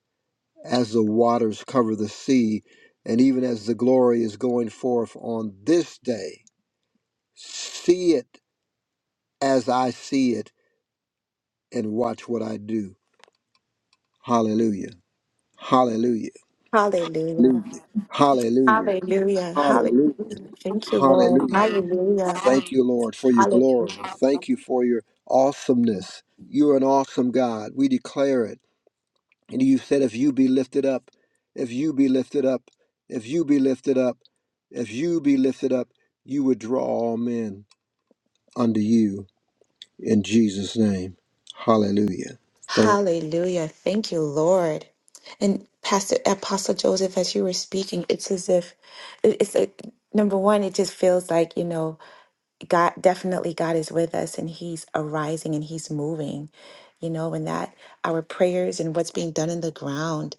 D: as the waters cover the sea, and even as the glory is going forth on this day. See it as I see it and watch what I do. Hallelujah. Hallelujah.
A: Hallelujah.
D: Hallelujah. Hallelujah.
A: Hallelujah. Hallelujah.
D: Hallelujah.
A: Thank you, Lord.
D: Hallelujah.
A: Hallelujah.
D: Thank you, Lord, for your
A: Hallelujah.
D: glory. Thank you for your awesomeness. You're an awesome God. We declare it. And you said, if you be lifted up, if you be lifted up, if you be lifted up, if you be lifted up, you would draw all men unto you in Jesus' name. Hallelujah. Thank
A: Hallelujah. Thank you, Lord. And Pastor Apostle Joseph, as you were speaking, it's as if it- it's a, number one, it just feels like, you know. God definitely God is with us and he's arising and he's moving, you know, and that our prayers and what's being done in the ground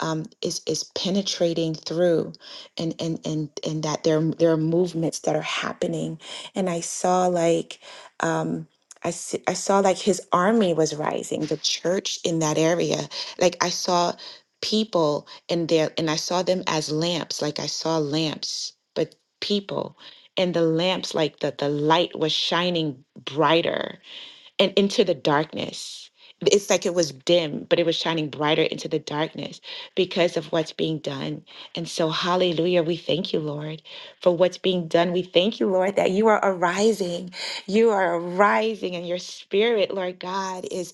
A: um, is is penetrating through and and and and that there there are movements that are happening. And I saw like um I, see, I saw like his army was rising, the church in that area. Like I saw people in there, and I saw them as lamps. Like I saw lamps, but people and the lamps like the the light was shining brighter and into the darkness. It's like it was dim, but it was shining brighter into the darkness because of what's being done. And so, hallelujah, we thank you, Lord, for what's being done. We thank you, Lord, that you are arising. You are arising, and your spirit, Lord God, is.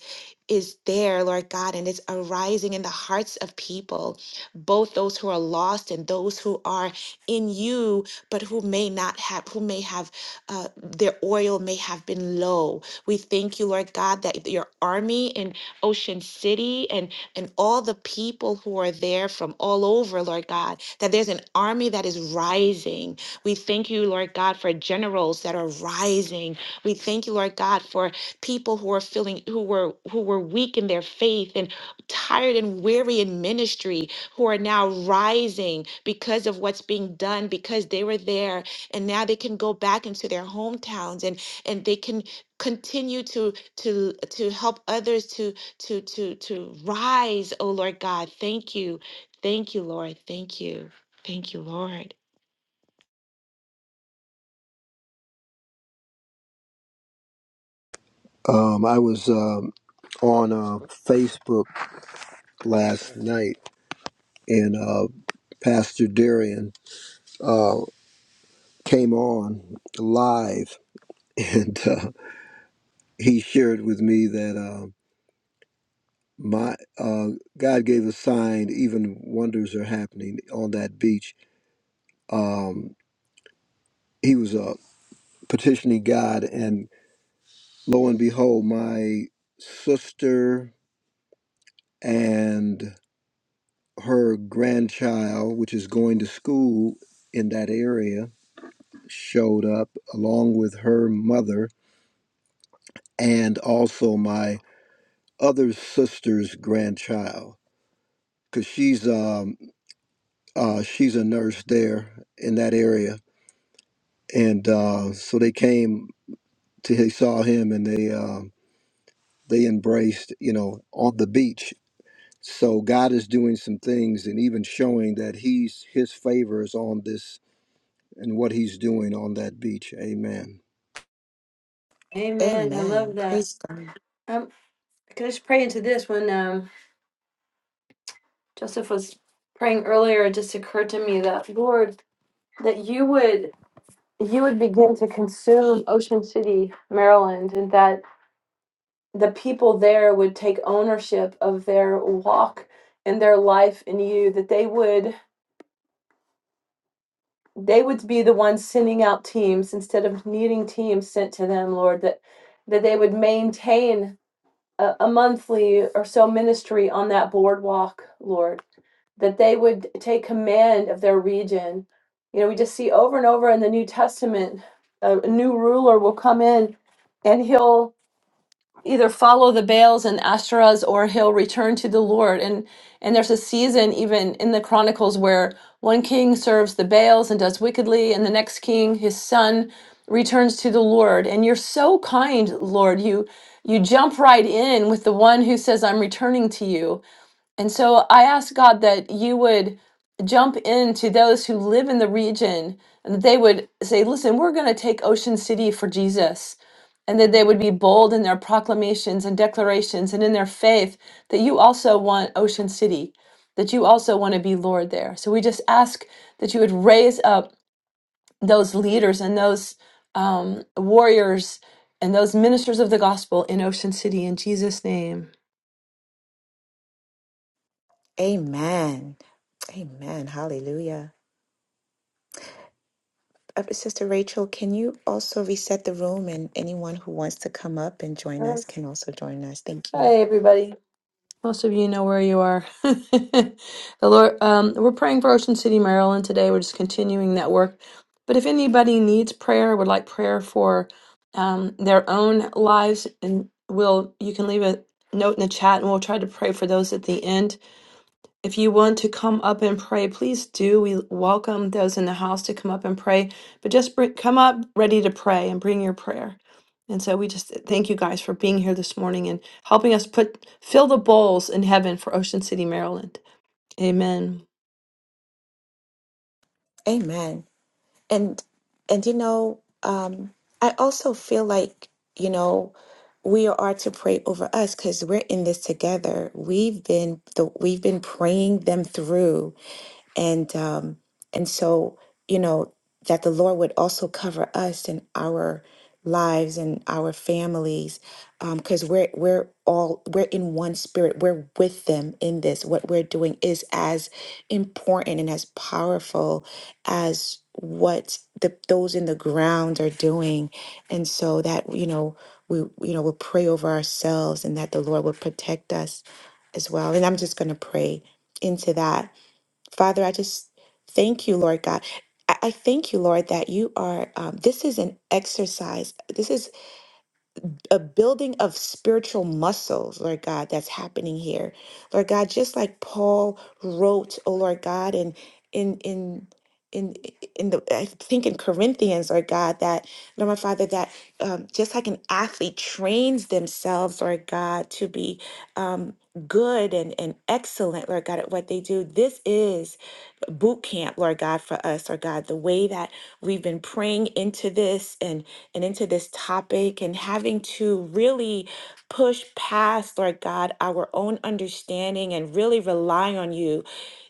A: Is there, Lord God, and it's arising in the hearts of people, both those who are lost and those who are in you, but who may not have, who may have, uh, their oil may have been low we thank you, Lord God, that your army in Ocean City and, and all the people who are there from all over, Lord God, that there's an army that is rising. We thank you, Lord God, for generals that are rising. We thank you, Lord God, for people who are feeling who were who were weak in their faith and tired and weary in ministry who are now rising because of what's being done because they were there and now they can go back into their hometowns and and they can continue to to to help others to to to to rise oh lord god thank you thank you lord thank you thank you lord
D: um, I was um, on uh, Facebook last night, and uh, Pastor Darian uh, came on live, and. uh, he shared with me that uh, my uh, God gave a sign. Even wonders are happening on that beach. Um, he was uh, petitioning God, and lo and behold, my sister and her grandchild, which is going to school in that area, showed up along with her mother and also my other sister's grandchild because she's um, Uh, she's a nurse there in that area, and uh, so they came to they saw him and they uh, they embraced, you know, on the beach. So God is doing some things and even showing that He's His favor is on this and what He's doing on that beach. Amen.
A: Amen.
B: Yeah,
A: Praise God.
B: um, Can I just pray into this when um, Joseph was praying just to get up. Lord, that you would you would begin to consume Ocean City, Maryland, and that the people there would take ownership of their walk and their life in you that they would they would be the ones sending out teams instead of needing teams sent to them lord that that they would maintain a, a monthly or so ministry on that boardwalk lord that they would take command of their region you know we just see over and over in the new testament a, a new ruler will come in and he'll either follow the Baals and Asherahs or he'll return to the Lord. And and there's a season even in the Chronicles where one king serves the Baals and does wickedly, and the next king, his son, returns to the Lord. And you're so kind, Lord. You you jump right in with the one who says, I'm returning to you. And so I ask God that you would jump into those who live in the region and that they would say, listen, we're going to take Ocean City for Jesus. And that they would be bold in their proclamations and declarations and in their faith that you also want Ocean City, that you also want to be Lord there. So we just ask that you would raise up those leaders and those um, warriors and those ministers of the gospel in Ocean City in Jesus' name.
A: Amen. Amen. Hallelujah. Uh, Sister Rachel, can you also reset the room and anyone who wants to come up and join
B: Sure.
A: us can also join us? Thank
B: Hi,
A: you.
B: everybody. Most of you know where you are. the Lord, um, we're praying for Ocean City, Maryland today. We're just continuing that work. But if anybody needs prayer, would like prayer for um, their own lives, and will you can leave a note in the chat, and we'll try to pray for those at the end. If you want to come up and pray, please do. We welcome those in the house to come up and pray, but just bring, come up ready to pray and bring your prayer. And so we just thank you guys for being here this morning and helping us put fill the bowls in heaven for Ocean City, Maryland. Amen.
A: Amen. and and you know um i also feel like you know we are to pray over us because we're in this together we've been the we've been praying them through and um, and so you know that the Lord would also cover us and our lives and our families because we're we're all we're in one spirit we're with them in this what we're doing is as important and as powerful as what the those in the ground are doing and so that you know we you know we'll pray over ourselves and that the lord will protect us as well and i'm just going to pray into that Father, I just thank you, Lord God. I I thank you, Lord, that you are. Um, this is an exercise. This is a building of spiritual muscles, Lord God, that's happening here. Lord God, just like Paul wrote, oh Lord God, and in in in in the I think in Corinthians, Lord God, that Lord my Father, that um, just like an athlete trains themselves, Lord God, to be um, good and, and excellent, Lord God, at what they do. This is boot camp, Lord God, for us, Lord God, the way that we've been praying into this and, and into this topic and having to really push past, Lord God, our own understanding and really rely on you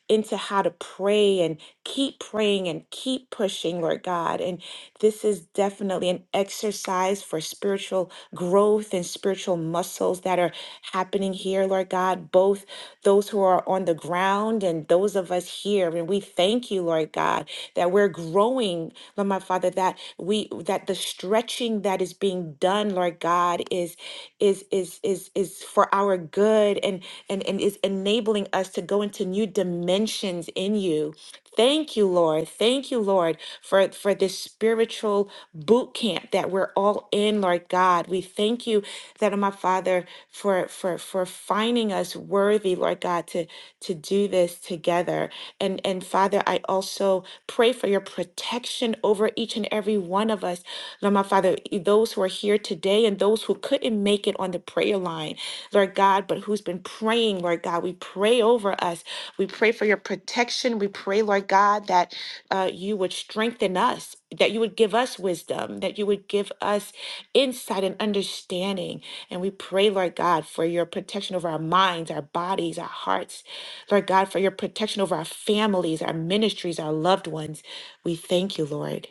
A: into how to pray and keep praying and keep pushing, Lord God. And this is definitely an exercise for spiritual growth and spiritual muscles that are happening here, Lord God, both those who are on the ground and those of us here. And we thank you, Lord God, that we're growing, Lord my Father, that we that the stretching that is being done, Lord God, is is is is is for our good and and and is enabling us to go into new dimensions in you. Thank you, Lord. Thank you, Lord, for for this spiritual boot camp that we're all in, Lord God. We thank you that, oh my Father for for for finding us worthy, Lord God, to to do this together. And and Father, I also pray for your protection over each and every one of us. Lord my Father, e- those who are here today and those who couldn't make it on the prayer line, Lord God, but who's been praying, Lord God, we pray over us. We pray for your protection. We pray, Lord God, that uh, you would strengthen us, that you would give us wisdom, that you would give us insight and understanding. And we pray, Lord God, for your protection over our minds, our bodies, our hearts. Lord God, for your protection over our families, our ministries, our loved ones. We thank you, Lord.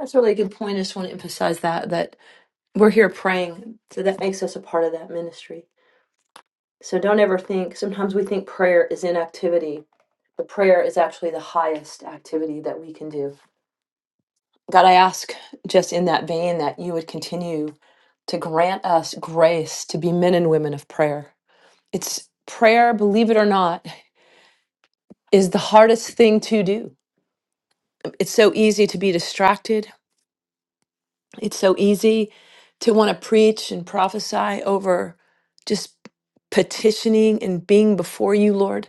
B: That's a really good point. I just want to emphasize that that we're here praying, so that makes us a part of that ministry. So don't ever think. Sometimes we think prayer is inactivity, but prayer is actually the highest activity that we can do. God, I ask just in that vein that you would continue to grant us grace to be men and women of prayer. It's prayer, believe it or not, is the hardest thing to do. It's so easy to be distracted. It's so easy to want to preach and prophesy over just petitioning and being before you, Lord.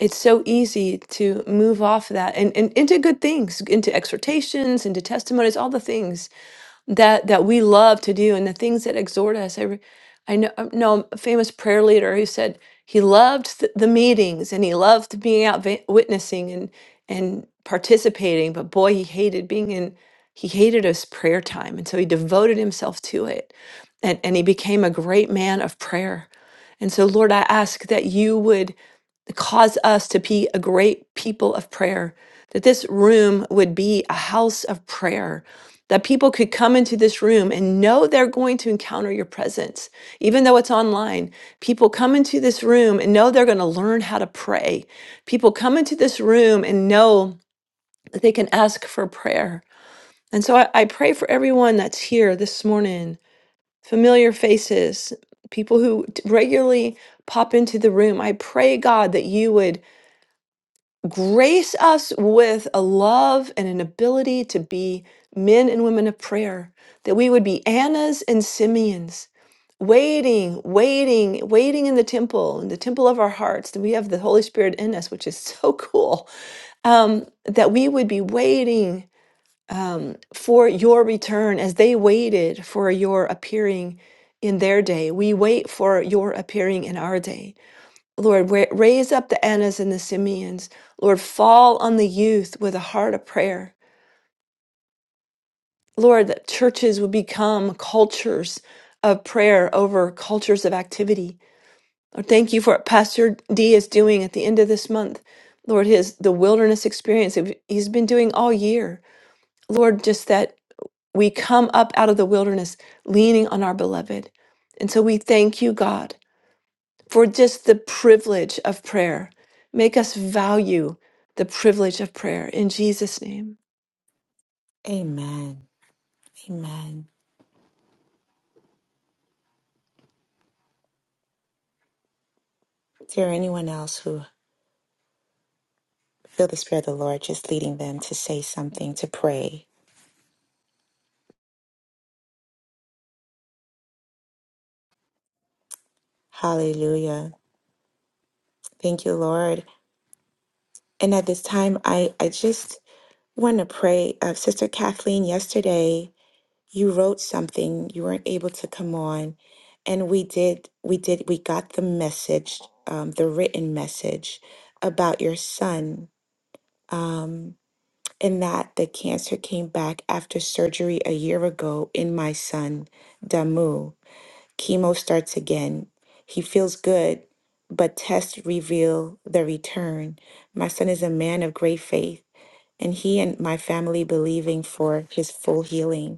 B: It's so easy to move off that and, and into good things, into exhortations, into testimonies, all the things that that we love to do and the things that exhort us. I, re- I know, I know a famous prayer leader who said he loved th- the meetings and he loved being out vi- witnessing and and participating, but boy, he hated being in. He hated his prayer time, and so he devoted himself to it, and and he became a great man of prayer. And so, Lord, I ask that you would cause us to be a great people of prayer, that this room would be a house of prayer that people could come into this room and know they're going to encounter your presence. Even though it's online, people come into this room and know they're going to learn how to pray. People come into this room and know that they can ask for prayer. And so I, I pray for everyone that's here this morning, familiar faces, people who t- regularly pop into the room. I pray, God, that you would grace us with a love and an ability to be men and women of prayer, that we would be Annas and Simeons, waiting, waiting, waiting in the temple, in the temple of our hearts, that we have the Holy Spirit in us, which is so cool, um, that we would be waiting um, for your return as they waited for your appearing in their day. We wait for your appearing in our day. Lord, wa- raise up the Annas and the Simeons. Lord, fall on the youth with a heart of prayer. Lord, that churches would become cultures of prayer over cultures of activity. Lord, thank you for what Pastor D is doing at the end of this month. Lord, his the wilderness experience that he's been doing all year. Lord, just that we come up out of the wilderness leaning on our beloved. And so we thank you, God. for just the privilege of prayer. Make us value the privilege of prayer in Jesus' name.
A: Amen. Amen. Is there anyone else who feel the Spirit of the Lord just leading them to say something, to pray? Hallelujah. Thank you, Lord. And at this time, I, I just want to pray. Uh, Sister Kathleen, yesterday, you wrote something you weren't able to come on and we did we did we got the message um, the written message about your son um, and that the cancer came back after surgery a year ago in my son damu chemo starts again he feels good but tests reveal the return my son is a man of great faith and he and my family believing for his full healing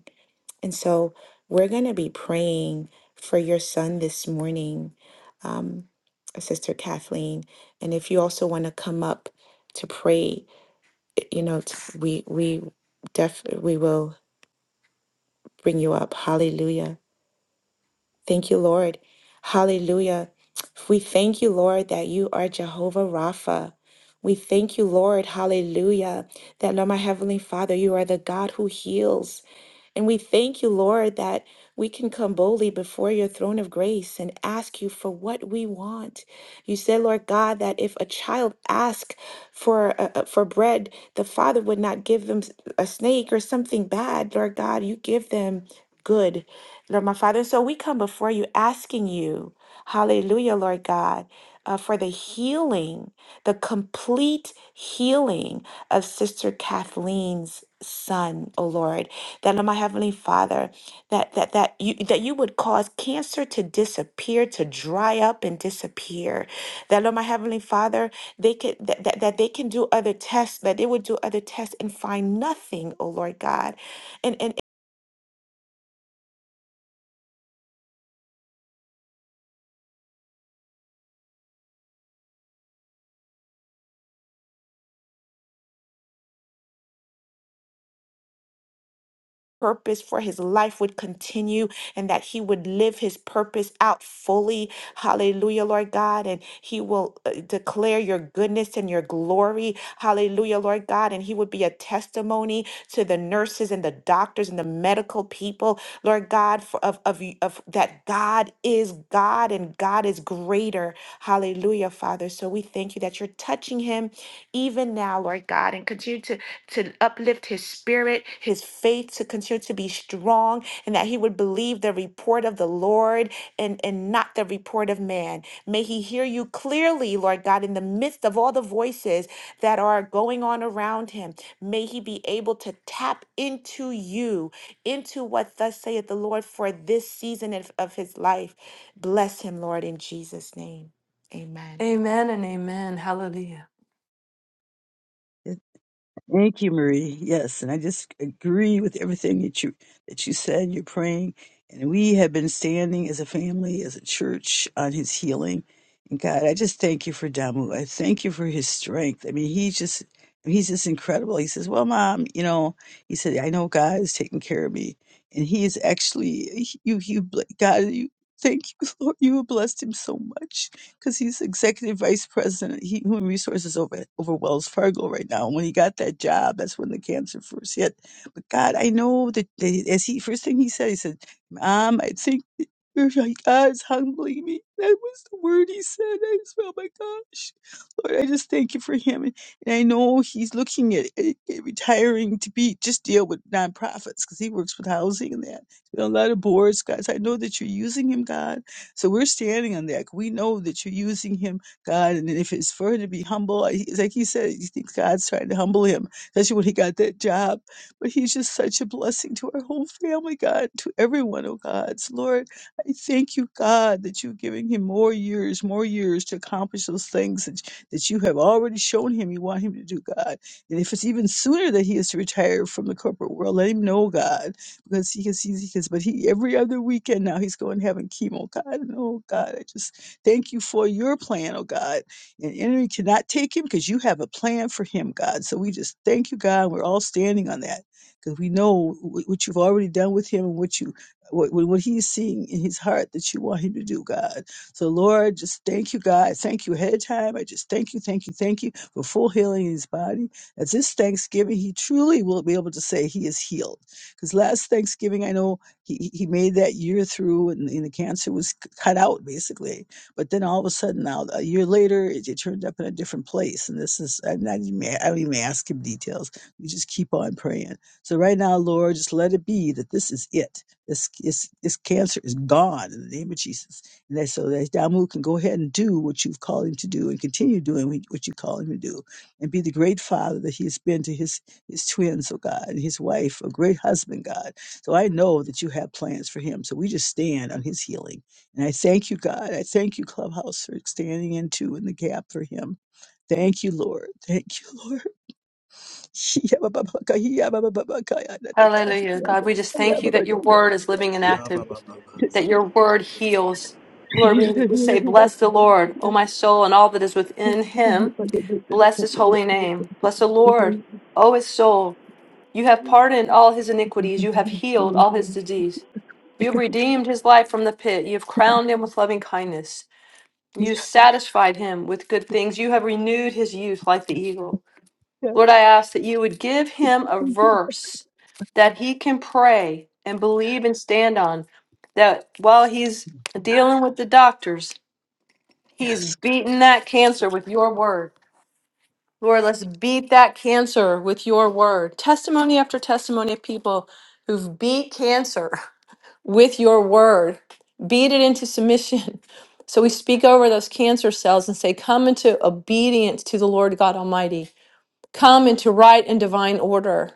A: and so we're going to be praying for your son this morning, um, Sister Kathleen. And if you also want to come up to pray, eh, you know, t- we we def we will bring you up. Hallelujah. Thank you, Lord. Hallelujah. We thank you, Lord, that you are Jehovah Rapha. We thank you, Lord, hallelujah, that Lord, my Heavenly Father, you are the God who heals. And we thank you, Lord, that we can come boldly before your throne of grace and ask you for what we want. You said, Lord God, that if a child asked for uh, uh, for bread, the father would not give them s- a snake or something bad. Lord God, you give them good, Lord my Father. So we come before you asking you, Hallelujah, Lord God, uh, for the healing, the complete healing of Sister Kathleen's son, oh Lord that Lord, my heavenly Father, that that that you that you would cause cancer to disappear, to dry up and disappear. That Lord, my heavenly Father, they could that, that, that they can do other tests, that they would do other tests and find nothing, oh Lord God. purpose for his life would continue and that he would live his purpose out fully. Hallelujah, Lord God. And he will uh, declare your goodness and your glory. Hallelujah, Lord God. And he would be a testimony to the nurses and the doctors and the medical people, Lord God, for, of, of, y- of that God is God and God is greater. Hallelujah, Father. So we thank you that you're touching him even now, Lord God, and continue to to uplift his spirit, his faith to continue to be strong, and that he would believe the report of the Lord and, and not the report of man. May he hear you clearly, Lord God, in the midst of all the voices that are going on around him. May he be able to tap into you, into what thus saith the Lord for this season of of his life. Bless him, Lord, in Jesus' name. Amen.
B: Amen and amen. Hallelujah.
F: Yes. Thank you, Marie. Yes, and I just agree with everything that you that you said. You're praying, and we have been standing as a family, as a church, on His healing. And God, I just thank you for Damu. I thank you for his strength. I mean, he's just he's just incredible. He says, "Well, Mom, you know," he said, "I know God is taking care of me, and He is actually you. You, God, you thank you, Lord. You have blessed him so much." because he's executive vice president, he, human resources over over Wells Fargo right now. And when he got that job, that's when the cancer first hit. But God, I know that, that as he first thing he said, he said, "Mom, I think that your God is humbling me." That was the word he said. I just, felt, oh my gosh, Lord, I just thank you for him. And, and I know he's looking at, at, at retiring to be just deal with nonprofits because he works with housing and that. He's been on a lot of boards, guys. I know that you're using him, God. So we're standing on that. We know that you're using him, God. And if it's for him to be humble, I- he's like he said, he thinks God's trying to humble him, especially when he got that job. But he's just such a blessing to our whole family, God, to everyone, oh God. So Lord, I thank you, God, that you're giving him more years, more years to accomplish those things that, that you have already shown him you want him to do, God. And if it's even sooner that he is to retire from the corporate world, let him know, God because he because he's because but he every other weekend now he's going having chemo Oh, god and oh god i just thank you for your plan oh god and enemy cannot take him because you have a plan for him god so we just thank you god we're all standing on that because we know wh- what you've already done with him and what you what, what what he's seeing in his heart that you want him to do god so lord just thank you god thank you ahead of time i just thank you thank you thank you for full healing in his body as this thanksgiving he truly will be able to say he is healed because last Thanksgiving, I know he, he made that year through and, and the cancer was c- cut out basically. But then all of a sudden, now a year later, it, it turned up in a different place. And this is, I'm not even, I don't even ask him details. We just keep on praying. So right now, Lord, just let it be that this is it. This, this, this cancer is gone in the name of Jesus. And that, so that Damu can go ahead and do what you've called him to do and continue doing what you call him to do and be the great father that he has been to his his twins, oh God, and his wife, a great husband, God. So I know that you have plans for him. So we just stand on his healing. And I thank you, God. I thank you, Clubhouse, for standing into in the gap for him. Thank you, Lord. Thank you, Lord.
B: Hallelujah. God, we just thank you that your word is living and active, that your word heals. Lord, we we say, Bless the Lord, O my soul, and all that is within him. Bless his holy name. Bless the Lord, O his soul. You have pardoned all his iniquities. You have healed all his disease. You have redeemed his life from the pit. You have crowned him with loving kindness. You satisfied him with good things. You have renewed his youth like the eagle. Lord, I ask that you would give him a verse that he can pray and believe and stand on. That while he's dealing with the doctors, he's beating that cancer with your word. Lord, let's beat that cancer with your word. Testimony after testimony of people who've beat cancer with your word. Beat it into submission. So we speak over those cancer cells and say, Come into obedience to the Lord God Almighty. Come into right and divine order.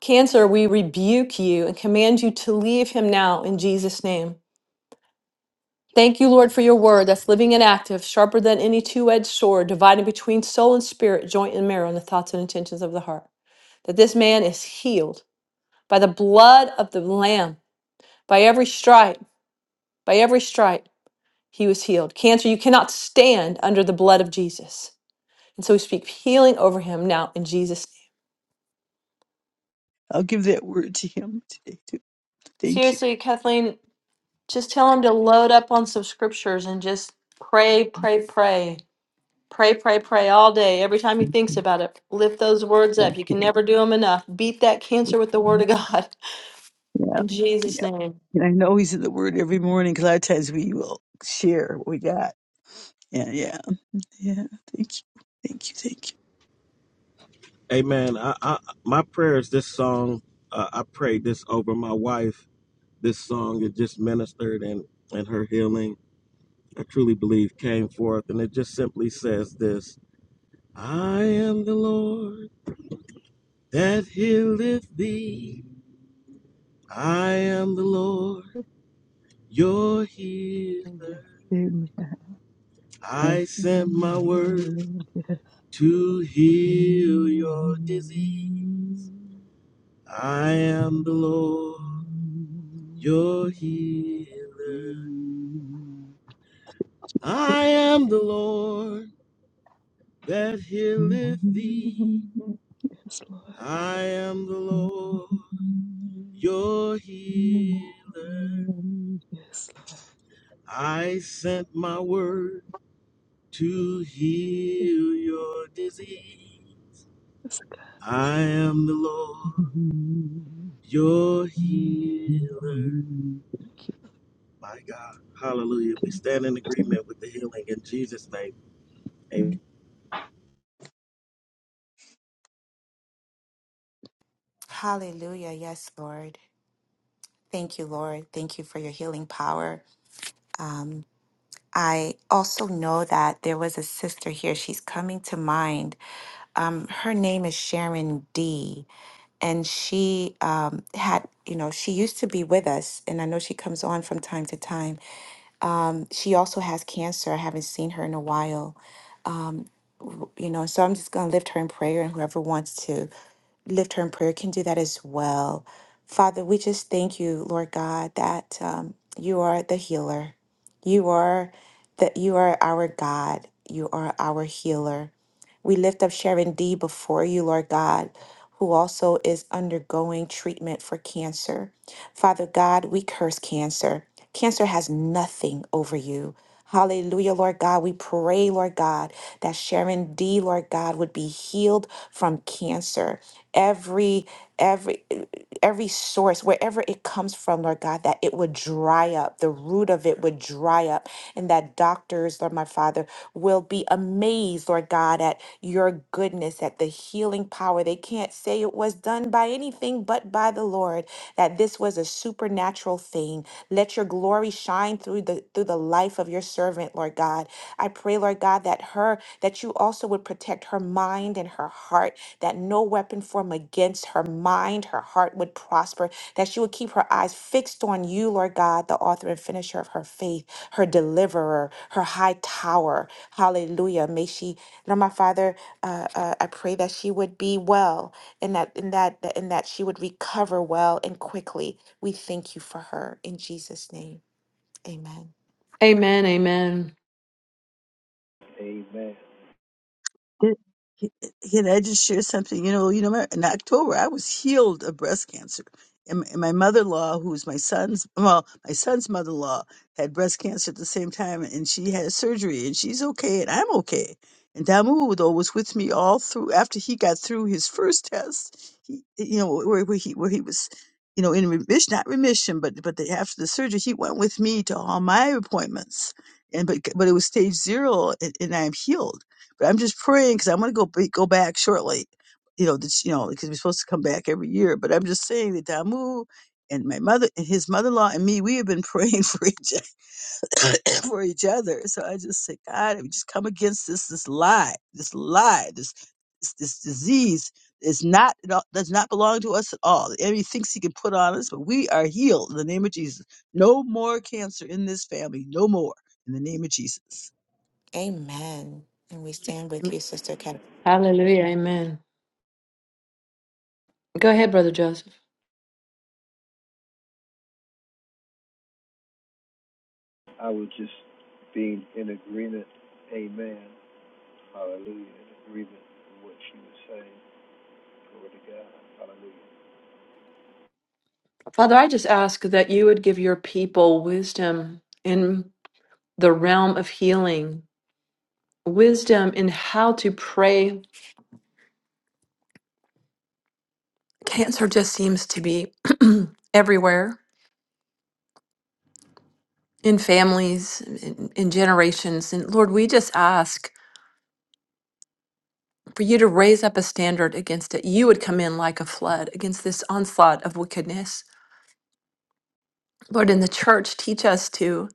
B: Cancer, we rebuke you and command you to leave him now in Jesus' name. Thank you, Lord, for your word that's living and active, sharper than any two edged sword, dividing between soul and spirit, joint and marrow, and the thoughts and intentions of the heart. That this man is healed by the blood of the Lamb, by every stripe, by every stripe. He was healed. Cancer, you cannot stand under the blood of Jesus. And so we speak healing over him now in Jesus' name.
F: I'll give that word to him today. Too. Thank you.
B: Seriously, Kathleen, just tell him to load up on some scriptures and just pray, pray, pray. Pray, pray, pray all day. Every time he thinks about it, lift those words up. You can never do them enough. Beat that cancer with the
F: Okay.
B: word of God
F: Yeah.
B: in Jesus'
F: Yeah.
B: name.
F: And I know he's in the word every morning because a lot of times we will share what we got. Yeah. Yeah. Yeah. Thank you. Thank you. Thank
E: Amen. I, I, my prayer is this song. Uh, I prayed this over my wife this song it just ministered and and her healing i truly believe came forth and it just simply says this i am the lord that healeth thee i am the lord your
F: you.
E: healer
F: Amen.
E: i sent my word to heal your disease i am the lord your healer i am the lord that healeth thee
F: Yes, Lord.
E: I am the Lord, your healer.
F: Yes,
E: I sent my word to heal your disease. I am the Lord,
F: Lord.
E: your
F: Thank
E: healer.
F: you.
E: My God, hallelujah. We stand in agreement with the healing in Jesus' name. Amen.
A: Hallelujah. Yes, Lord. Thank you, Lord. Thank you for your healing power. Um, I also know that there was a sister here. She's coming to mind. Um, her name is Sharon D. And she um, had, you know, she used to be with us. And I know she comes on from time to time. Um, she also has cancer. I haven't seen her in a while. Um, w- you know, so I'm just going to lift her in prayer, and whoever wants to lift her in prayer can do that as well. Father, we just thank you, Lord God, that um, you are the healer. You are that you are our God. You are our healer. We lift up Sharon D before you, Lord God, who also is undergoing treatment for cancer. Father God, we curse cancer. Cancer has nothing over you. Hallelujah, Lord God. We pray, Lord God, that Sharon D, Lord God, would be healed from cancer. Every every every source, wherever it comes from, Lord God, that it would dry up. The root of it would dry up. And that doctors, Lord my Father, will be amazed, Lord God, at your goodness, at the healing power. They can't say it was done by anything but by the Lord that this was a supernatural thing. Let your glory shine through the through the life of your servant, Lord God. I pray, Lord God, that her that you also would protect her mind and her heart, that no weapon formed against her mind, her heart would prosper, that she would keep her eyes fixed on you, Lord God, the author and finisher of her faith, her deliverer, her high tower. Hallelujah. May she, Lord my Father, uh, uh, I pray that she would be well and that and that that- and that she would recover well and quickly. We thank you for her in Jesus' name. Amen.
B: Amen. Amen.
F: Can can I just share something? You know, you know, in October I was healed of breast cancer, and, and my mother-in-law, who's my son's, well, my son's mother-in-law had breast cancer at the same time, and she had surgery, and she's okay, and I'm okay. And Damu though was with me all through after he got through his first test. He, you know, where, where he where he was, you know, in remission, not remission, but but the, after the surgery, he went with me to all my appointments. And but but it was stage zero, and, and I'm healed but I'm just praying because I'm going to go be- go back shortly. You know, this, you know, because we're supposed to come back every year. But I'm just saying that Damu and my mother and his mother-in-law and me, we have been praying for each other, for each other. So I just say, God, we just come against this this lie, this lie, this this, this disease is not it all- does not belong to us at all. The enemy thinks he can put on us, but we are healed in the name of Jesus. No more cancer in this family, no more in the name of Jesus.
A: Amen. And we stand with
B: Amen.
A: you, Sister Kevin.
B: Hallelujah. Amen. Go ahead, Brother Joseph. Father, I just ask that you would give your people wisdom in. the realm of healing, wisdom in how to pray. Cancer just seems to be everywhere in families, in, in generations. And Lord, we just ask for you to raise up a standard against it. You would come in like a flood against this onslaught of wickedness. Lord, in the church, teach us to,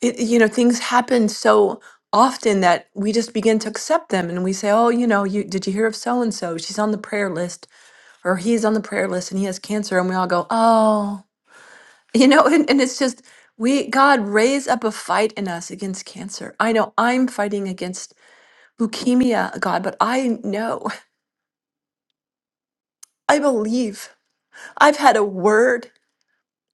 B: it, you know, things happen so often that we just begin to accept them and we say, oh, you know, you did you hear of so and so? She's on the prayer list or he's on the prayer list and he has cancer and we all go oh you know and, and it's just we god raise up a fight in us against cancer i know i'm fighting against leukemia god but i know i believe i've had a word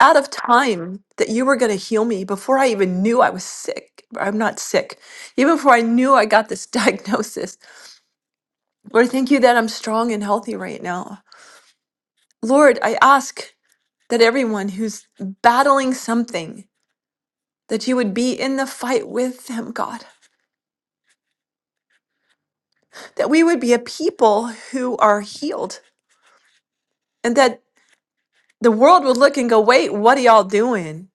B: out of time that you were going to heal me before i even knew i was sick i'm not sick even before i knew i got this diagnosis lord thank you that i'm strong and healthy right now lord i ask that everyone who's battling something that you would be in the fight with them, God, that we would be a people who are healed, and that the world would look and go, wait, what are y'all doing?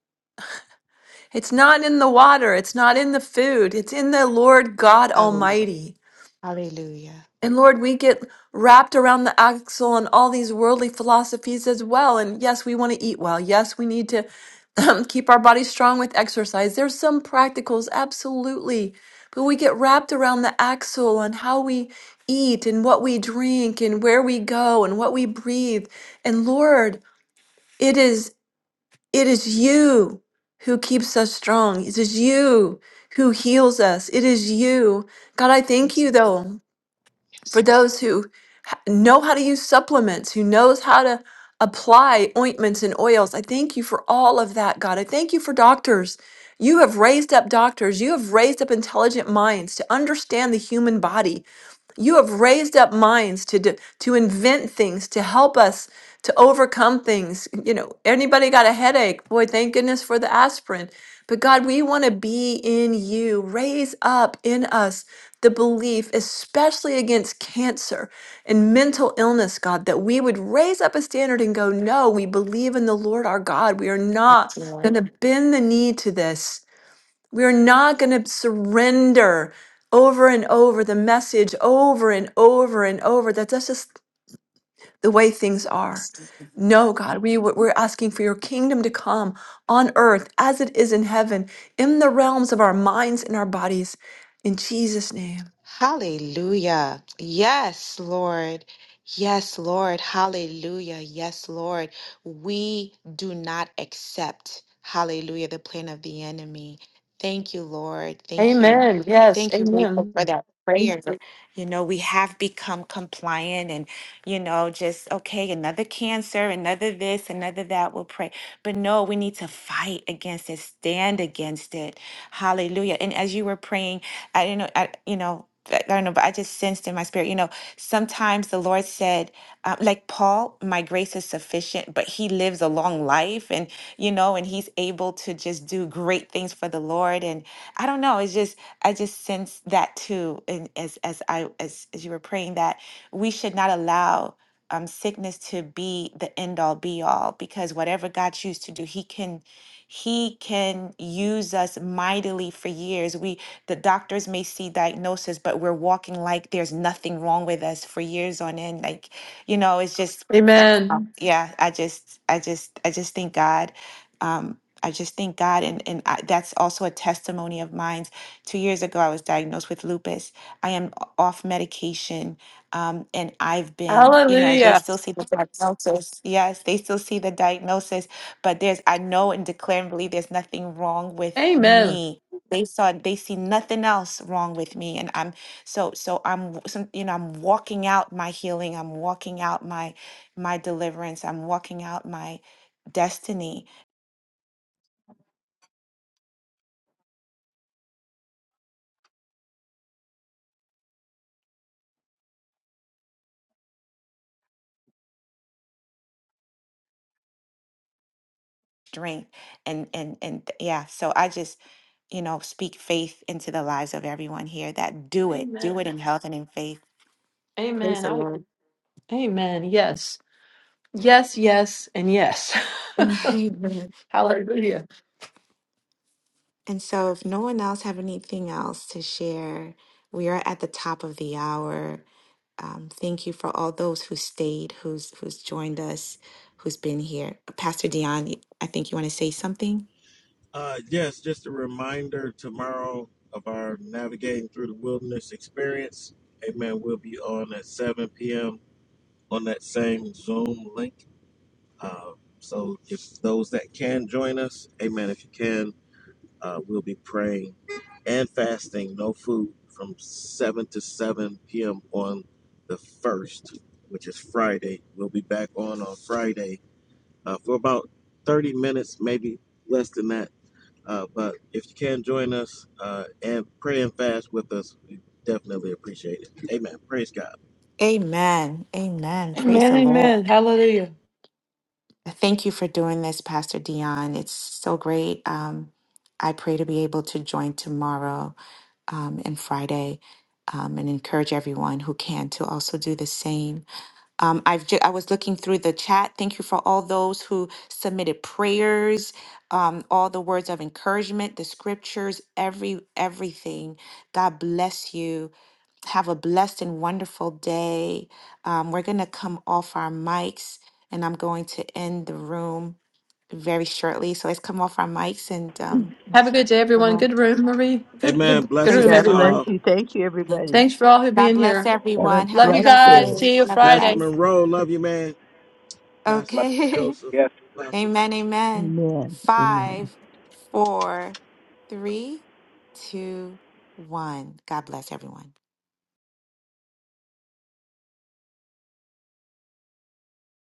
B: It's not in the water, it's not in the food, it's in the Lord God
A: Hallelujah.
B: Almighty.
A: Hallelujah.
B: And Lord, we get wrapped around the axle on all these worldly philosophies as well. And yes, we want to eat well. Yes, we need to um, keep our bodies strong with exercise. There's some practicals, absolutely. But we get wrapped around the axle on how we eat and what we drink and where we go and what we breathe. And Lord, it is it is you who keeps us strong. It is you who heals us. It is you. God, I thank you though
A: Yes,
B: for those who h- know how to use supplements, who knows how to apply ointments and oils. I thank you for all of that, God. I thank you for doctors. You have raised up doctors. You have raised up intelligent minds to understand the human body you have raised up minds to do, to invent things to help us to overcome things. You know, anybody got a headache? Boy, thank goodness for the aspirin. But God, we want to be in you. Raise up in us the belief, especially against cancer and mental illness, God, that we would raise up a standard and go, no, we believe in the Lord our God. We are not going
A: Lord.
B: to bend the knee to this. We're not going to surrender over and over the message over and over and over that that's just the way things are.
A: Yes,
B: No, God, we, we're asking for your kingdom to come on earth as it is in heaven, in the realms of our minds and our bodies. In Jesus' name.
A: Hallelujah. Yes, Lord. Yes, Lord. Hallelujah. Yes, Lord. We do not accept, hallelujah, the plan of the enemy. Thank you, Lord. Thank you.
B: Amen. Yes.
A: Thank you, Rachel,
B: Amen.
A: for that prayer. You know, we have become compliant and, you know, just, okay, another cancer, another this, another that, we'll pray. But no, we need to fight against it, stand against it. Hallelujah. And as you were praying, I don't know, I you know, I I don't know, but I just sensed in my spirit, you know, sometimes the Lord said, uh, like Paul, my grace is sufficient, but he lives a long life and, you know, and he's able to just do great things for the Lord. And I don't know, it's just, I just sense that too. And as, as I, as, as you were praying that we should not allow um, sickness to be the end all be all, because whatever God chooses to do, he can, he can use us mightily for years. We the doctors may see diagnosis, but we're walking like there's nothing wrong with us for years on end. Like, you know, it's just that's
B: Amen.
A: yeah. I just, I just, I just thank God. Um, I just thank God, and and I, that's also a testimony of mine. Two years ago, I was diagnosed with lupus. I am off medication, um, and I've been, you know, they
B: Hallelujah.
A: still see the diagnosis. Yes, they still see the diagnosis, but there's, I know and declare and believe there's nothing wrong with
B: Amen.
A: me they saw they see nothing else wrong with me and i'm so so i'm w- some, you know i'm walking out my healing i'm walking out my my deliverance i'm walking out my destiny strength and and and th- yeah so i just you know speak faith into the lives of everyone here that do it do it in health and in faith
B: Amen.
A: praise the lord And so, if no one else have anything else to share, we are at the top of the hour. Um, thank you for all those who stayed, who's who's joined us, who's been here. Pastor Dion, y- I think you want to say something.
E: Uh, yes, just a reminder tomorrow of our Navigating Through the Wilderness experience. Amen. We'll be on at 7 p.m. on that same Zoom link. Um, so if those that can join us, amen. If you can, uh, we'll be praying and fasting, no food from 7 to 7 p.m. on the 1st, which is Friday. We'll be back on on Friday uh, for about 30 minutes, maybe less than that. Uh, but if you can join us uh, and pray and fast with us, we definitely appreciate it. Amen. Praise God.
A: Amen. Amen. Praise
B: Amen.
A: the Lord.
B: Amen. Hallelujah.
A: Thank you for doing this, Pastor Dion. It's so great. Um, I pray to be able to join tomorrow um, and Friday, um, and encourage everyone who can to also do the same. Um, I've ju- I was looking through the chat. Thank you for all those who submitted prayers, um, all the words of encouragement, the scriptures, every everything. God bless you. Have a blessed and wonderful day. Um, we're gonna come off our mics, and I'm going to end the room very shortly. So let's come off our mics and um,
B: Have a good day,
A: the
B: everyone.
A: Lord-
B: Good room, Marie. Good,
E: Amen.
B: good, good
A: praise
B: room,
A: the
E: Blessings
F: God
E: to
B: everyone.
F: bless
A: Lord.
E: all.
F: you. Thank you,
A: Thank you.
F: everybody.
B: Thanks for all who
A: God
B: being
A: bless
B: here.
F: Let us
A: everyone. Have
B: Love
A: a
B: you
F: bless
A: blessed day.
B: guys.
F: you.
B: See you
A: Love you
E: Pastor
B: Friday.
A: guys.
E: Monroe, love you, man. Pastor
A: Okay.
E: Joseph, Pastor
A: Amen. Amen.
F: Amen. Amen.
A: Five, four, three, two, one. God bless everyone.